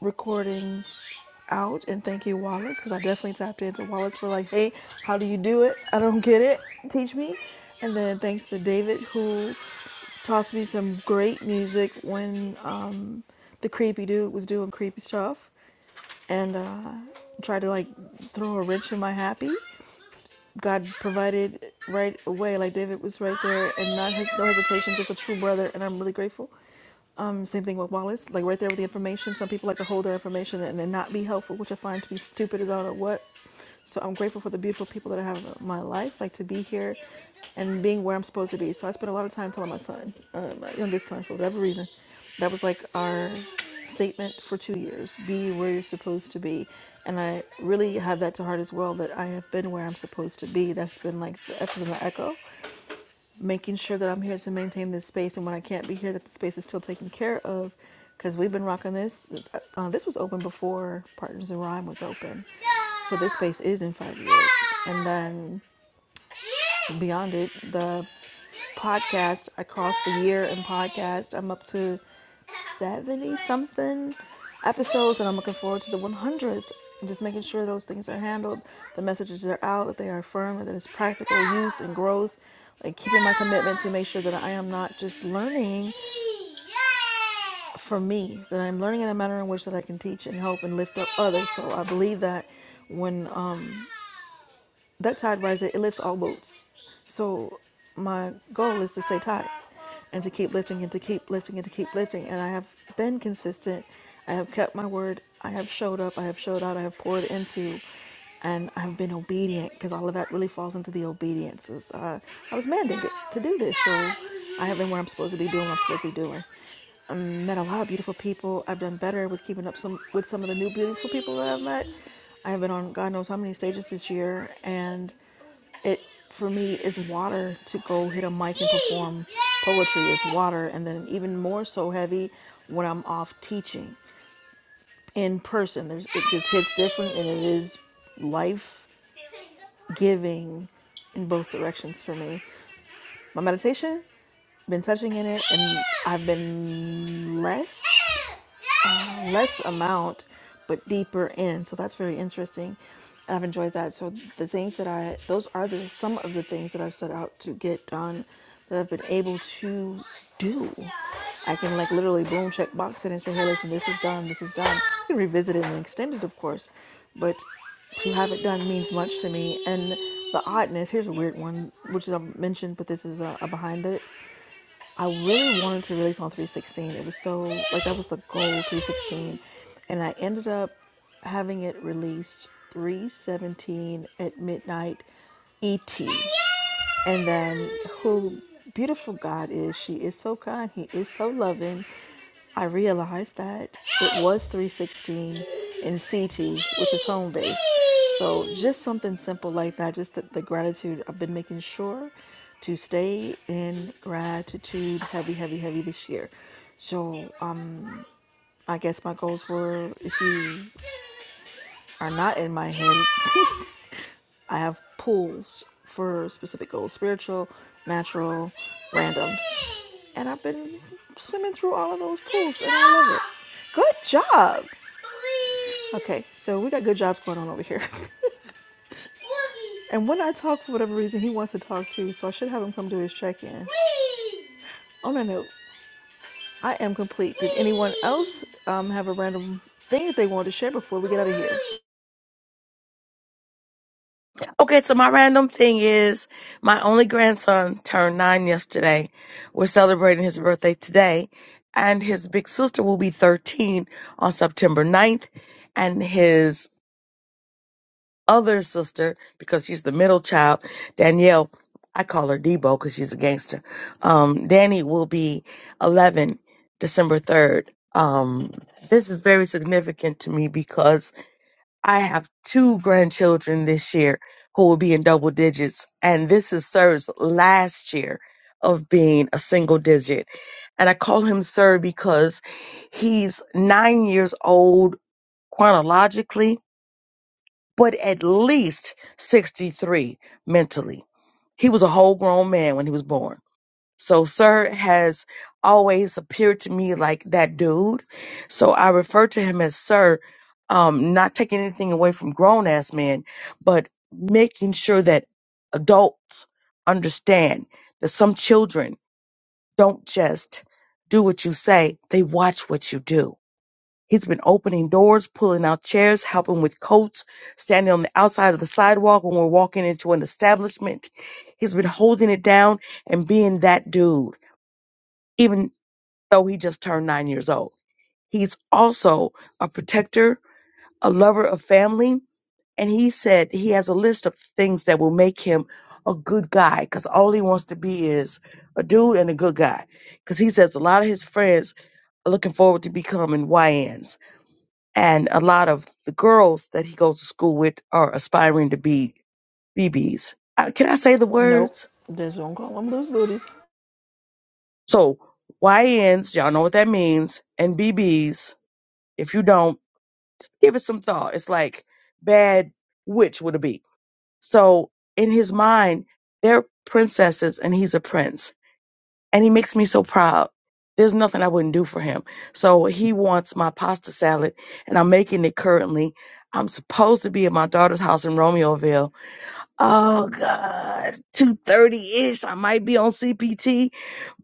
recordings out, and thank you, Wallace, because I definitely tapped into Wallace for like, hey, how do you do it? I don't get it. Teach me. And then thanks to David, who tossed me some great music when um, the creepy dude was doing creepy stuff and uh, tried to like throw a wrench in my happy. God provided right away, like David was right there and not his, no hesitation, just a true brother, and I'm really grateful. Um, same thing with Wallace, like right there with the information. Some people like to hold their information and then not be helpful, which I find to be stupid as all of what. So I'm grateful for the beautiful people that I have in my life, like to be here and being where I'm supposed to be. So I spent a lot of time telling my son, uh, my youngest son, for whatever reason, that was like our statement for two years be where you're supposed to be. And I really have that to heart as well that I have been where I'm supposed to be. That's been like the essence of my echo making sure that I'm here to maintain this space, and when I can't be here, that the space is still taken care of. Because we've been rocking this. Uh, this was open before Partners in Rhyme was open, so this space is in five years. And then beyond it, the podcast, I crossed a year in podcast. I'm up to 70 something episodes, and I'm looking forward to the 100th. I'm just making sure those things are handled, the messages are out, that they are firm, and that it's practical use and growth. Like keeping my commitment to make sure that I am not just learning for me, that I'm learning in a manner in which that I can teach and help and lift up others. So I believe that when um, that tide riser it lifts all boats so my goal is to stay tied and to keep lifting and to keep lifting and to keep lifting and i have been consistent i have kept my word i have showed up i have showed out i have poured into and i've been obedient because all of that really falls into the obediences uh, i was mandated to do this so i have been where i'm supposed to be doing what i'm supposed to be doing met a lot of beautiful people i've done better with keeping up some with some of the new beautiful people that i've met I have been on God knows how many stages this year, and it for me is water to go hit a mic and perform poetry is water and then even more so heavy when i'm off teaching in person there's it just hits different and it is life giving in both directions for me my meditation been touching in it and i've been less less amount but deeper in so that's very interesting i've enjoyed that so the things that i those are the some of the things that i've set out to get done that i've been able to do i can like literally boom check box it and say hey listen this is done this is done you can revisit it and extend it of course but to have it done means much to me and the oddness here's a weird one which is i mentioned but this is a, a behind it I really wanted to release on 316. It was so like that was the goal 316, and I ended up having it released 317 at midnight ET and then who beautiful God is. She is so kind. He is so loving. I realized that it was 316 in CT, which is home base. So just something simple like that, just the, the gratitude. I've been making sure to stay in gratitude heavy, heavy, heavy this year. So um, I guess my goals were if you are not in my head, I have pools for specific goals spiritual, natural, randoms. And I've been swimming through all of those pools and I love it. Good job. Okay, so we got good jobs going on over here. and when I talk, for whatever reason, he wants to talk too, so I should have him come do his check in. On that note, I am complete. Did anyone else um, have a random thing that they wanted to share before we get out of here?
Okay, so my random thing is my only grandson turned nine yesterday. We're celebrating his birthday today, and his big sister will be 13 on September ninth, and his other sister, because she's the middle child, Danielle, I call her Debo because she's a gangster. Um, Danny will be 11 December 3rd. Um, this is very significant to me because I have two grandchildren this year who will be in double digits, and this is Sir's last year of being a single digit. And I call him Sir because he's nine years old chronologically, but at least 63 mentally. He was a whole grown man when he was born. So, sir has always appeared to me like that dude. So, I refer to him as sir, um, not taking anything away from grown ass men, but making sure that adults understand that some children don't just do what you say, they watch what you do He's been opening doors, pulling out chairs, helping with coats, standing on the outside of the sidewalk when we're walking into an establishment. He's been holding it down and being that dude, even though he just turned nine years old. He's also a protector, a lover of family, and he said he has a list of things that will make him a good guy because all he wants to be is a dude and a good guy. Because he says a lot of his friends are looking forward to becoming YNs and a lot of the girls that he goes to school with are aspiring to be BBs. Uh, can I say the
Nope.
words?
Just don't call them loose booties.
So YNs, y'all know what that means, and BBs. If you don't, give it some thought. It's like bad witch would it be? So in his mind, they're princesses and he's a prince, and he makes me so proud. There's nothing I wouldn't do for him. So he wants my pasta salad, and I'm making it currently. I'm supposed to be at my daughter's house in Romeoville Oh God, two thirty ish. I might be on CPT,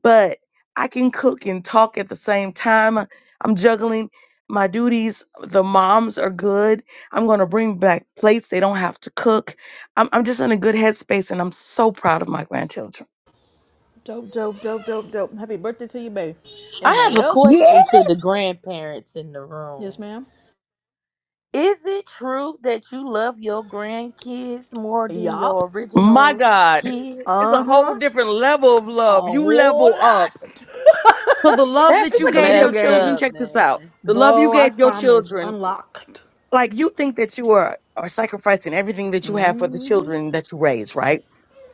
but I can cook and talk at the same time. I'm juggling my duties. The moms are good. I'm gonna bring back plates. They don't have to cook. I'm, I'm just in a good headspace, and I'm so proud of my grandchildren.
Dope, dope, dope, dope, dope. Happy birthday to you, baby.
I
Anybody
have a
else?
Yeah.
question to the grandparents in the
Yes,
room.
ma'am.
Is it true that you love your grandkids more than
Yup.
your
My
original
God,
kids?
it's
Uh
a whole
huh.
different level of
A
love. You
whole
level
lot.
up. So the love that
It's
you
That's
like a
gave
video
your
messed
children.
game.
up,
Check this out.
man.
The love you
Bro, I
gave your
promise.
children.
Unlocked.
like you think that you are are sacrificing everything that you have for the children that you raise, right?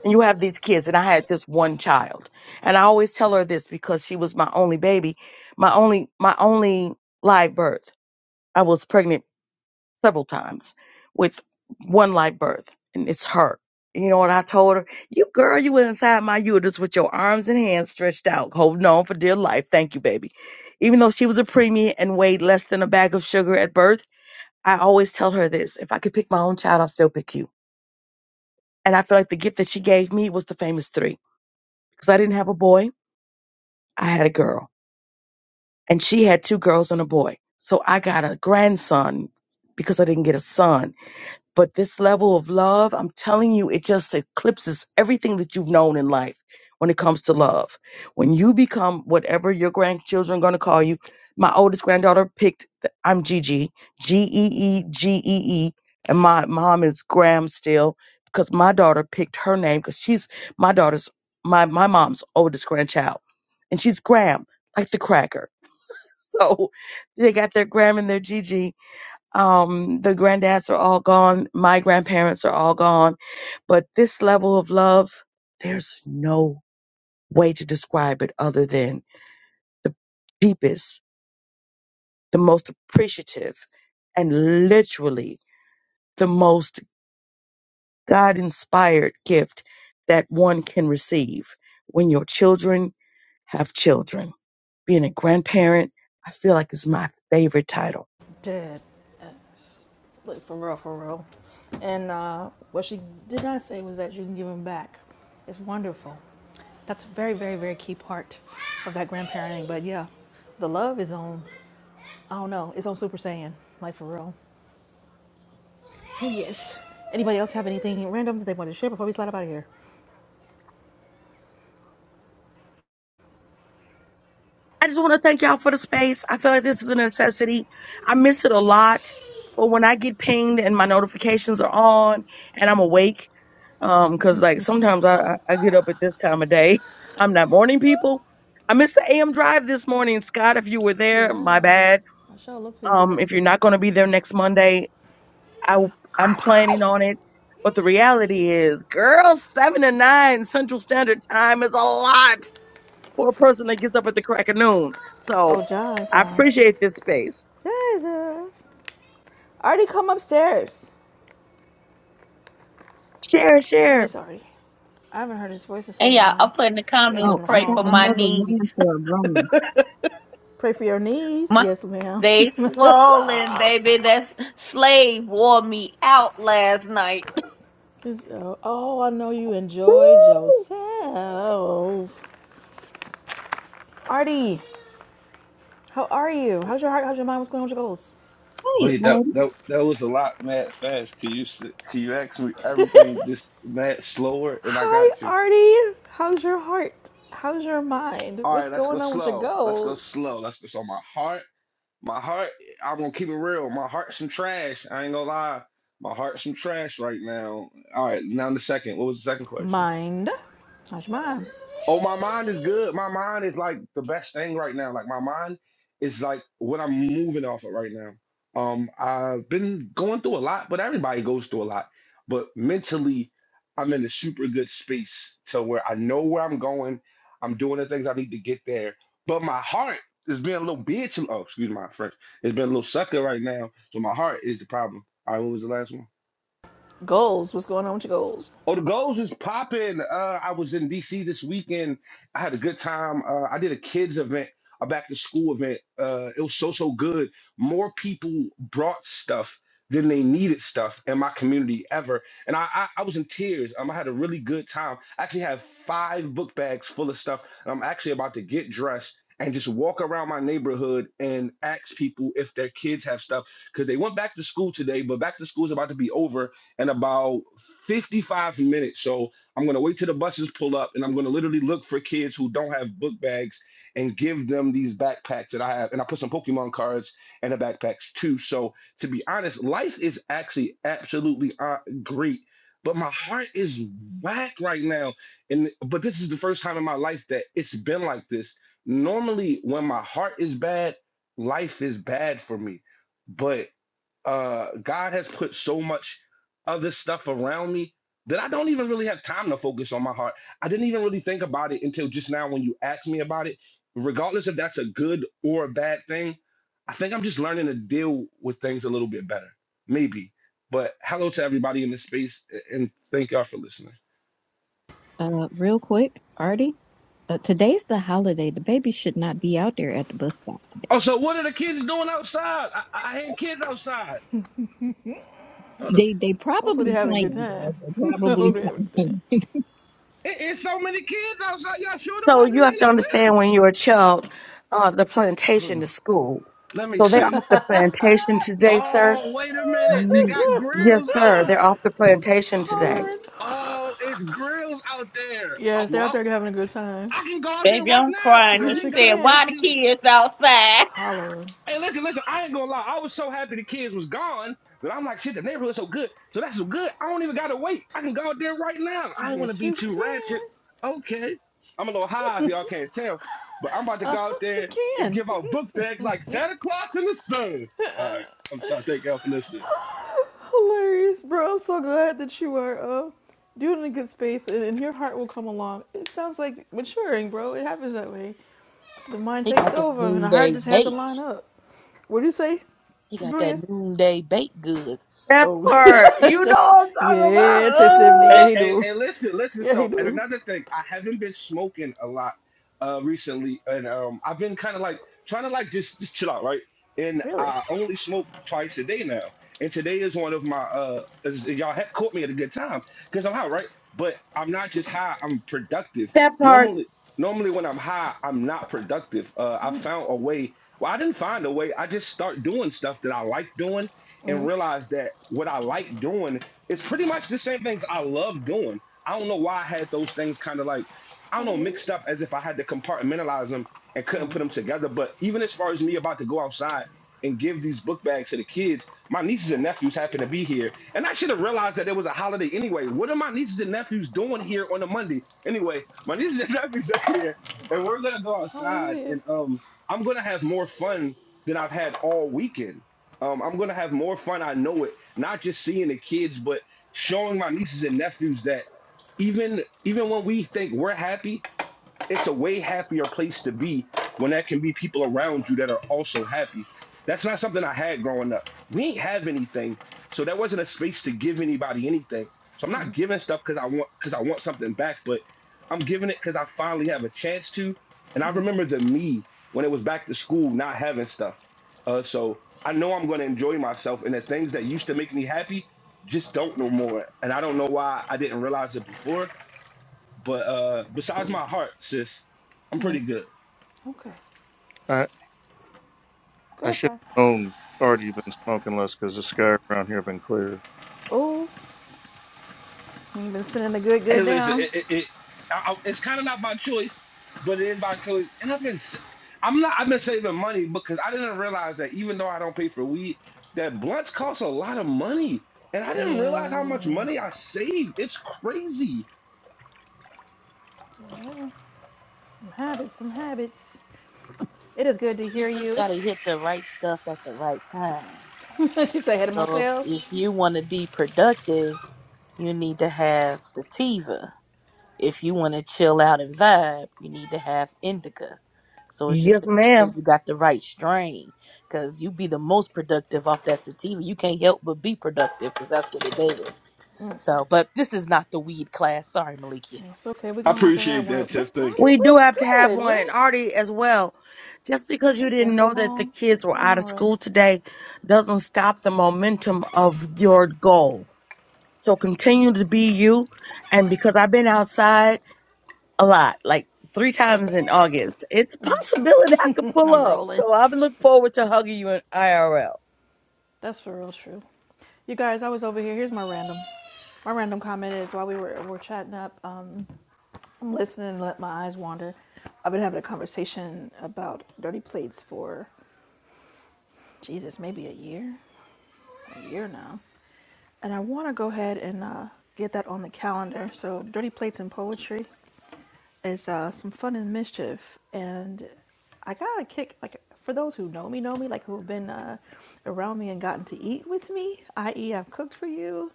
And you have these kids, and I had this one child, and I always tell her this because she was my only baby, my only my only live birth. I was pregnant several times with one live birth, and it's her. You know what I told her? You girl, you were inside my uterus with your arms and hands stretched out, holding on for dear life. Thank you, baby. Even though she was a preemie and weighed less than a bag of sugar at birth, I always tell her this if I could pick my own child, I'll still pick you. And I feel like the gift that she gave me was the famous three because I didn't have a boy, I had a girl, and she had two girls and a boy. So I got a grandson because I didn't get a son But this level of love, I'm telling you, it just eclipses everything that you've known in life when it comes to love. When you become whatever your grandchildren are going to call you, my oldest granddaughter picked, th- I'm Gigi, G E E G E E, and my mom is Graham still because my daughter picked her name because she's my daughter's, my, my mom's oldest grandchild. And she's Graham, like the cracker. So they got their Graham and their Gigi um the granddads are all gone my grandparents are all gone but this level of love there's no way to describe it other than the deepest the most appreciative and literally the most god inspired gift that one can receive when your children have children being a grandparent i feel like is my favorite title
Dead. Like, for real, for real. And uh, what she did not say was that you can give them back. It's wonderful. That's a very, very, very key part of that grandparenting. But yeah, the love is on, I don't know, it's on Super Saiyan. Like, for real. So yes. Anybody else have anything random that they want to share before we slide up out of here?
I just want to thank y'all for the space. I feel like this is a necessity. I miss it a lot, but when I get pinged and my notifications are on and I'm awake, um, cause like sometimes I, I I get up at this time of day. I'm not morning people. I missed the AM drive this morning, Scott. If you were there, my
Yeah.
bad.
I shall look for you
Um,
today
if you're
too.
not going to be there next Monday, I I'm planning on it. But the reality is, girl, seven to nine Central Standard Time is a lot for a person that gets up at the crack of noon.
Oh,
So
Jesus!
I appreciate this space.
Jesus. Artie, come upstairs.
Share,
i
share.
Miss Artie. I haven't heard his voice in so
And yeah, I
long.
put in the
I gotta
comments,
get
Oh,
him a
I
pray
phone
got
for my
call.
another win
knees.
for a grown.
Pray for your knees.
My
Yes, ma'am.
they swollen, baby. That slave wore me out last night.
This- oh, oh, I know you enjoyed yourself. Artie, how are you? How's your heart? How's your mind? What's going on with your goals?
Hey,
Wait, that
Artie.
that that was a lot, mad fast. Can you s- can you ask me everything just mad slower, and I got
Hi,
you.
Artie. How's your heart? How's your mind?
All
What's
right, let's go
going on with your
slow. Let's go
goals?
slow. Let's go. So my heart, my heart. I'm gonna keep it real. My heart's some trash. I ain't gonna lie. My heart's some trash right now. All right, now the second. What was the second question?
Mind. How's your mind?
Oh, my mind is good. My mind is like the best thing right now. Like my mind is like what I'm moving off of right now. Um, I've been going through a lot, but everybody goes through a lot. But mentally, I'm in a super good space to where I know where I'm going. I'm doing the things I need to get there. But my heart is being a little bitch. Oh, excuse my French. It's been a little sucker right now. So my heart is the problem. All right, what was the last one?
Goals. What's going on with your goals?
Oh, the goals is popping. Uh, I was in DC this weekend. I had a good time. Uh, I did a kids event, a back to school event. Uh, it was so so good. More people brought stuff than they needed stuff in my community ever, and I I, I was in tears. Um, I had a really good time. I actually have five book bags full of stuff, and I'm actually about to get dressed. And just walk around my neighborhood and ask people if their kids have stuff because they went back to school today, but back to school is about to be over in about 55 minutes. So I'm going to wait till the buses pull up and I'm going to literally look for kids who don't have book bags and give them these backpacks that I have. And I put some Pokemon cards in the backpacks too. So to be honest, life is actually absolutely uh, great. But my heart is whack right now. And but this is the first time in my life that it's been like this. Normally when my heart is bad, life is bad for me. But uh God has put so much other stuff around me that I don't even really have time to focus on my heart. I didn't even really think about it until just now when you asked me about it. Regardless if that's a good or a bad thing, I think I'm just learning to deal with things a little bit better. Maybe. But hello to everybody in this space a- and thank y'all for listening.
Uh, real quick, Artie. Uh, today's the holiday. The baby should not be out there at the bus stop today.
Also, what are the kids doing outside? I, I I hear kids outside. Hold on.
They they
Hopefully
probably
they're having a good
playing, bro.
time.
They
I hope
probably
they're having a good
playing.
It, it's so many kids outside. Y'all sure the
So
buses
you have
ain't
to
out there?
understand when you're a child, uh, the
Hold
plantation
on.
is school.
Let me
So they're
see.
off the plantation today, sir.
Oh, wait a minute. They
Ye-
got
time.
grills
Yes, sir.
out.
They're off the plantation today.
Hollering.
Oh, it's grills out there. Oh,
Yes, they're out
well,
there having a good time.
I can go out there
Baby,
right
I'm
now.
crying.
I
He
Yes, you
didn't
said,
gotta
can.
wait
"Why the
till.
kids outside?"
holler.
Hey, listen, listen. I ain't gonna lie. I was so happy the kids was gone that I'm like, shit, the neighborhood's so good. So that's so good. I don't even gotta wait. I can go out there right now. I ain't wanna
Yes,
be
you
too
can.
ratchet. Okay. I'm a little high if y'all can't tell, but I'm about to go out
You
there and
can.
give out book bags like Santa Claus in the sun. All right. I'm sorry. Thank y'all for listening.
Hilarious, bro. I'm so glad that you are uh, doing a good space and, and your heart will come along. It sounds like maturing, bro. It happens that way. The mind
He
takes
got that
over and the heart
noonday
just has to
bake.
line up. What do you say,
He got that
Brunia?
noonday baked goods.
That
Oh,
part, you know
that's,
what I'm talking
yeah,
about.
Tiff Tiffany. Yeah,
Hey,
Ugh.
he
hey,
do.
hey, listen, listen.
Yeah, he
So, and
do.
another thing, I haven't been smoking a lot uh recently, and um, I've been kind of like trying to like just just chill out, right? And
Really?
I only smoke twice a day now, and today is one of my uh, is- y'all had caught me at a good time because I'm high, right? But I'm not just high; I'm productive.
that part,
Normally, normally when I'm high, I'm not productive. Uh, I found a way. Well, I didn't find a way. I just start doing stuff that I like doing, and realize that what I like doing it's pretty much the same things I love doing. I don't know why I had those things kind of like, I don't know, mixed up as if I had to compartmentalize them and couldn't put them together. But even as far as me about to go outside and give these book bags to the kids, my nieces and nephews happen to be here. And I should have realized that it was a holiday anyway. What are my nieces and nephews doing here on a Monday? Anyway, my nieces and nephews are here and we're going to go outside
Hallelujah.
and um, I'm going to have more fun than I've had all weekend um, I'm gonna have more fun. I know it. Not just seeing the kids, but showing my nieces and nephews that even even when we think we're happy, it's a way happier place to be when there can be people around you that are also happy. That's not something I had growing up. We ain't have anything, so there wasn't a space to give anybody anything. So I'm not giving stuff because I want because I want something back, but I'm giving it because I finally have a chance to. And I remember the me when it was back to school not having stuff. Uh, so I know I'm going to enjoy myself, and the things that used to make me happy just don't no more. And I don't know why I didn't realize it before but uh, besides my heart, sis, I'm pretty good.
Okay.
I
Go
I
ahead,
should
Sky.
have known already you've been smoking less because the sky around here been clear.
Oh, you've been sending the good,
Hey,
good
listen,
down.
it, it, it I, I- it's kind of not by choice, but it is by choice. And I've been, s- I'm not, I've been saving money because I didn't realize that even though I don't pay for weed, that blunts cost a lot of money, and I didn't realize how much money I
Yes.
saved. It's crazy.
Oh, Some habits, some habits. It is good to
You
hear
just
you.
gotta hit the right stuff at the right time.
she said, "Head of
So if,
myself."
if you want to be productive, you need to have sativa. If you want to chill out and vibe, you need to have indica. So it's just
yes,
that
ma'am.
you got the right strain because you be the most productive off that sativa. You can't help but be productive because that's what it does. So, but this is not the weed class. Sorry, Malikia.
It's okay. We're
I
gonna have to have
appreciate
one.
that, Tiff.
Rick
Thank
party
you.
We do
was
have to have
good.
one, and
Rick,
Artie as well. Just because you
it's been
didn't
so
know that the
long. What's
kids were
going
out
on,
of
Rick?
school today doesn't stop the momentum of your goal. So continue to be you. And because I've been outside a lot, like three times in August, it's a possibility I could pull
I'm
up.
rolling.
So I look forward to hugging you in IRL.
That's for real true. You guys, I was over here. Here's my random. My random comment is while we were were chatting up, um, I'm listening and let my eyes wander. I've been having a conversation about dirty plates for Jesus, maybe a year, a year now, and I want to go ahead and uh, get that on the calendar. So, dirty plates and poetry. Is uh, some fun and mischief, and I got a kick. Like for those who know me, know me, like who have been uh, around me and gotten to eat with me, i.e., I've cooked for you.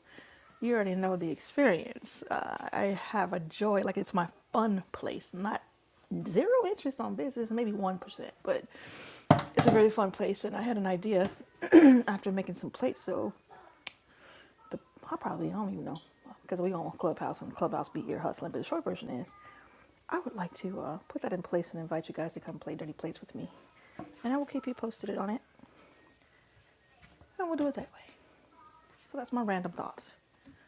You already know the experience. Uh, I have a joy. Like it's my fun place, not zero interest on business, maybe one percent, but it's a very fun place. And I had an idea after making some plates, so the I probably don't even know because we on Clubhouse and Clubhouse be ear hustling. But the short version is, I would like to uh, put that in place and invite you guys to come play Dirty Plates with me, and I will keep you posted on it, and we'll do it that way. So that's my random thoughts.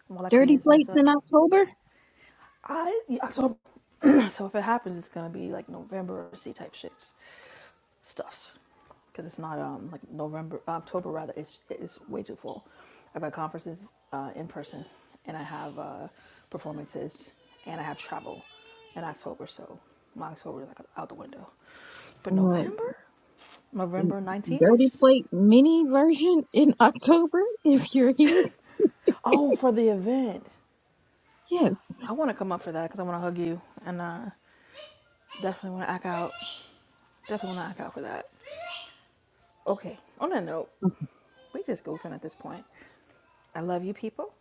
And while I clean
Dirty
this mess
plates in
up,
October.
I yeah, so so if it happens, it's gonna be like November or C type shits. stuffs because it's not um like November, October rather. It's it's way too full. I've got conferences uh, in person, and I have uh, performances, and I have travel in October. So my October is like out the window. But
Uh,
November, November nineteenth
dirty
ish.
plate mini version in October. If you're here,
Oh, for the event,
yes.
I want to come up for that because I want to hug you, and uh, definitely want to act out. Definitely want to act out for that. Okay. On that note, we just goofing at this point. I love you people.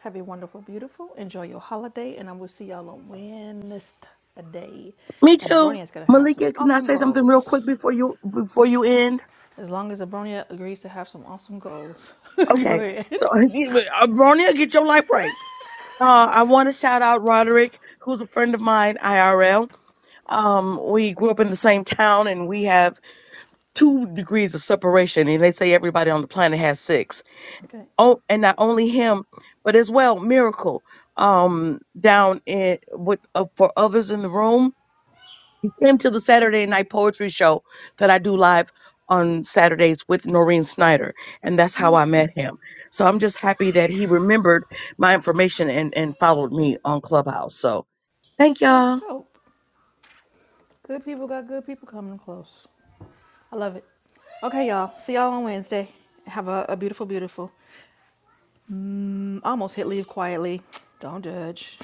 Have a wonderful, beautiful, enjoy your holiday, and I will see y'all on Wednesday.
Me
And
too.
Abronia is gonna have some
Malika, can I
awesome
say something real quick
goals.
before you before you end?
As long as Abronia agrees to have some awesome goals. Go
Okay.
ahead.
So, Bronya, get your life right. Uh, I want to shout out Roderick, who's a friend of mine, IRL. Um, we grew up in the same town and we have two degrees of separation. And they say everybody on the planet has six.
Okay.
Oh, and not only him, but as well, Miracle, um, down in with uh, for others in the room. He came to the Saturday night poetry show that I do live on Saturdays with Noreen Snyder. And that's how I
Okay.
met him. So I'm just happy that he remembered my information and, and followed me on Clubhouse. So, Thank y'all.
That's dope. Good people got good people coming close. I love it. Okay, y'all. See y'all on Wednesday. Have a, a beautiful, beautiful. Mm, Almost hit leave quietly. Don't judge.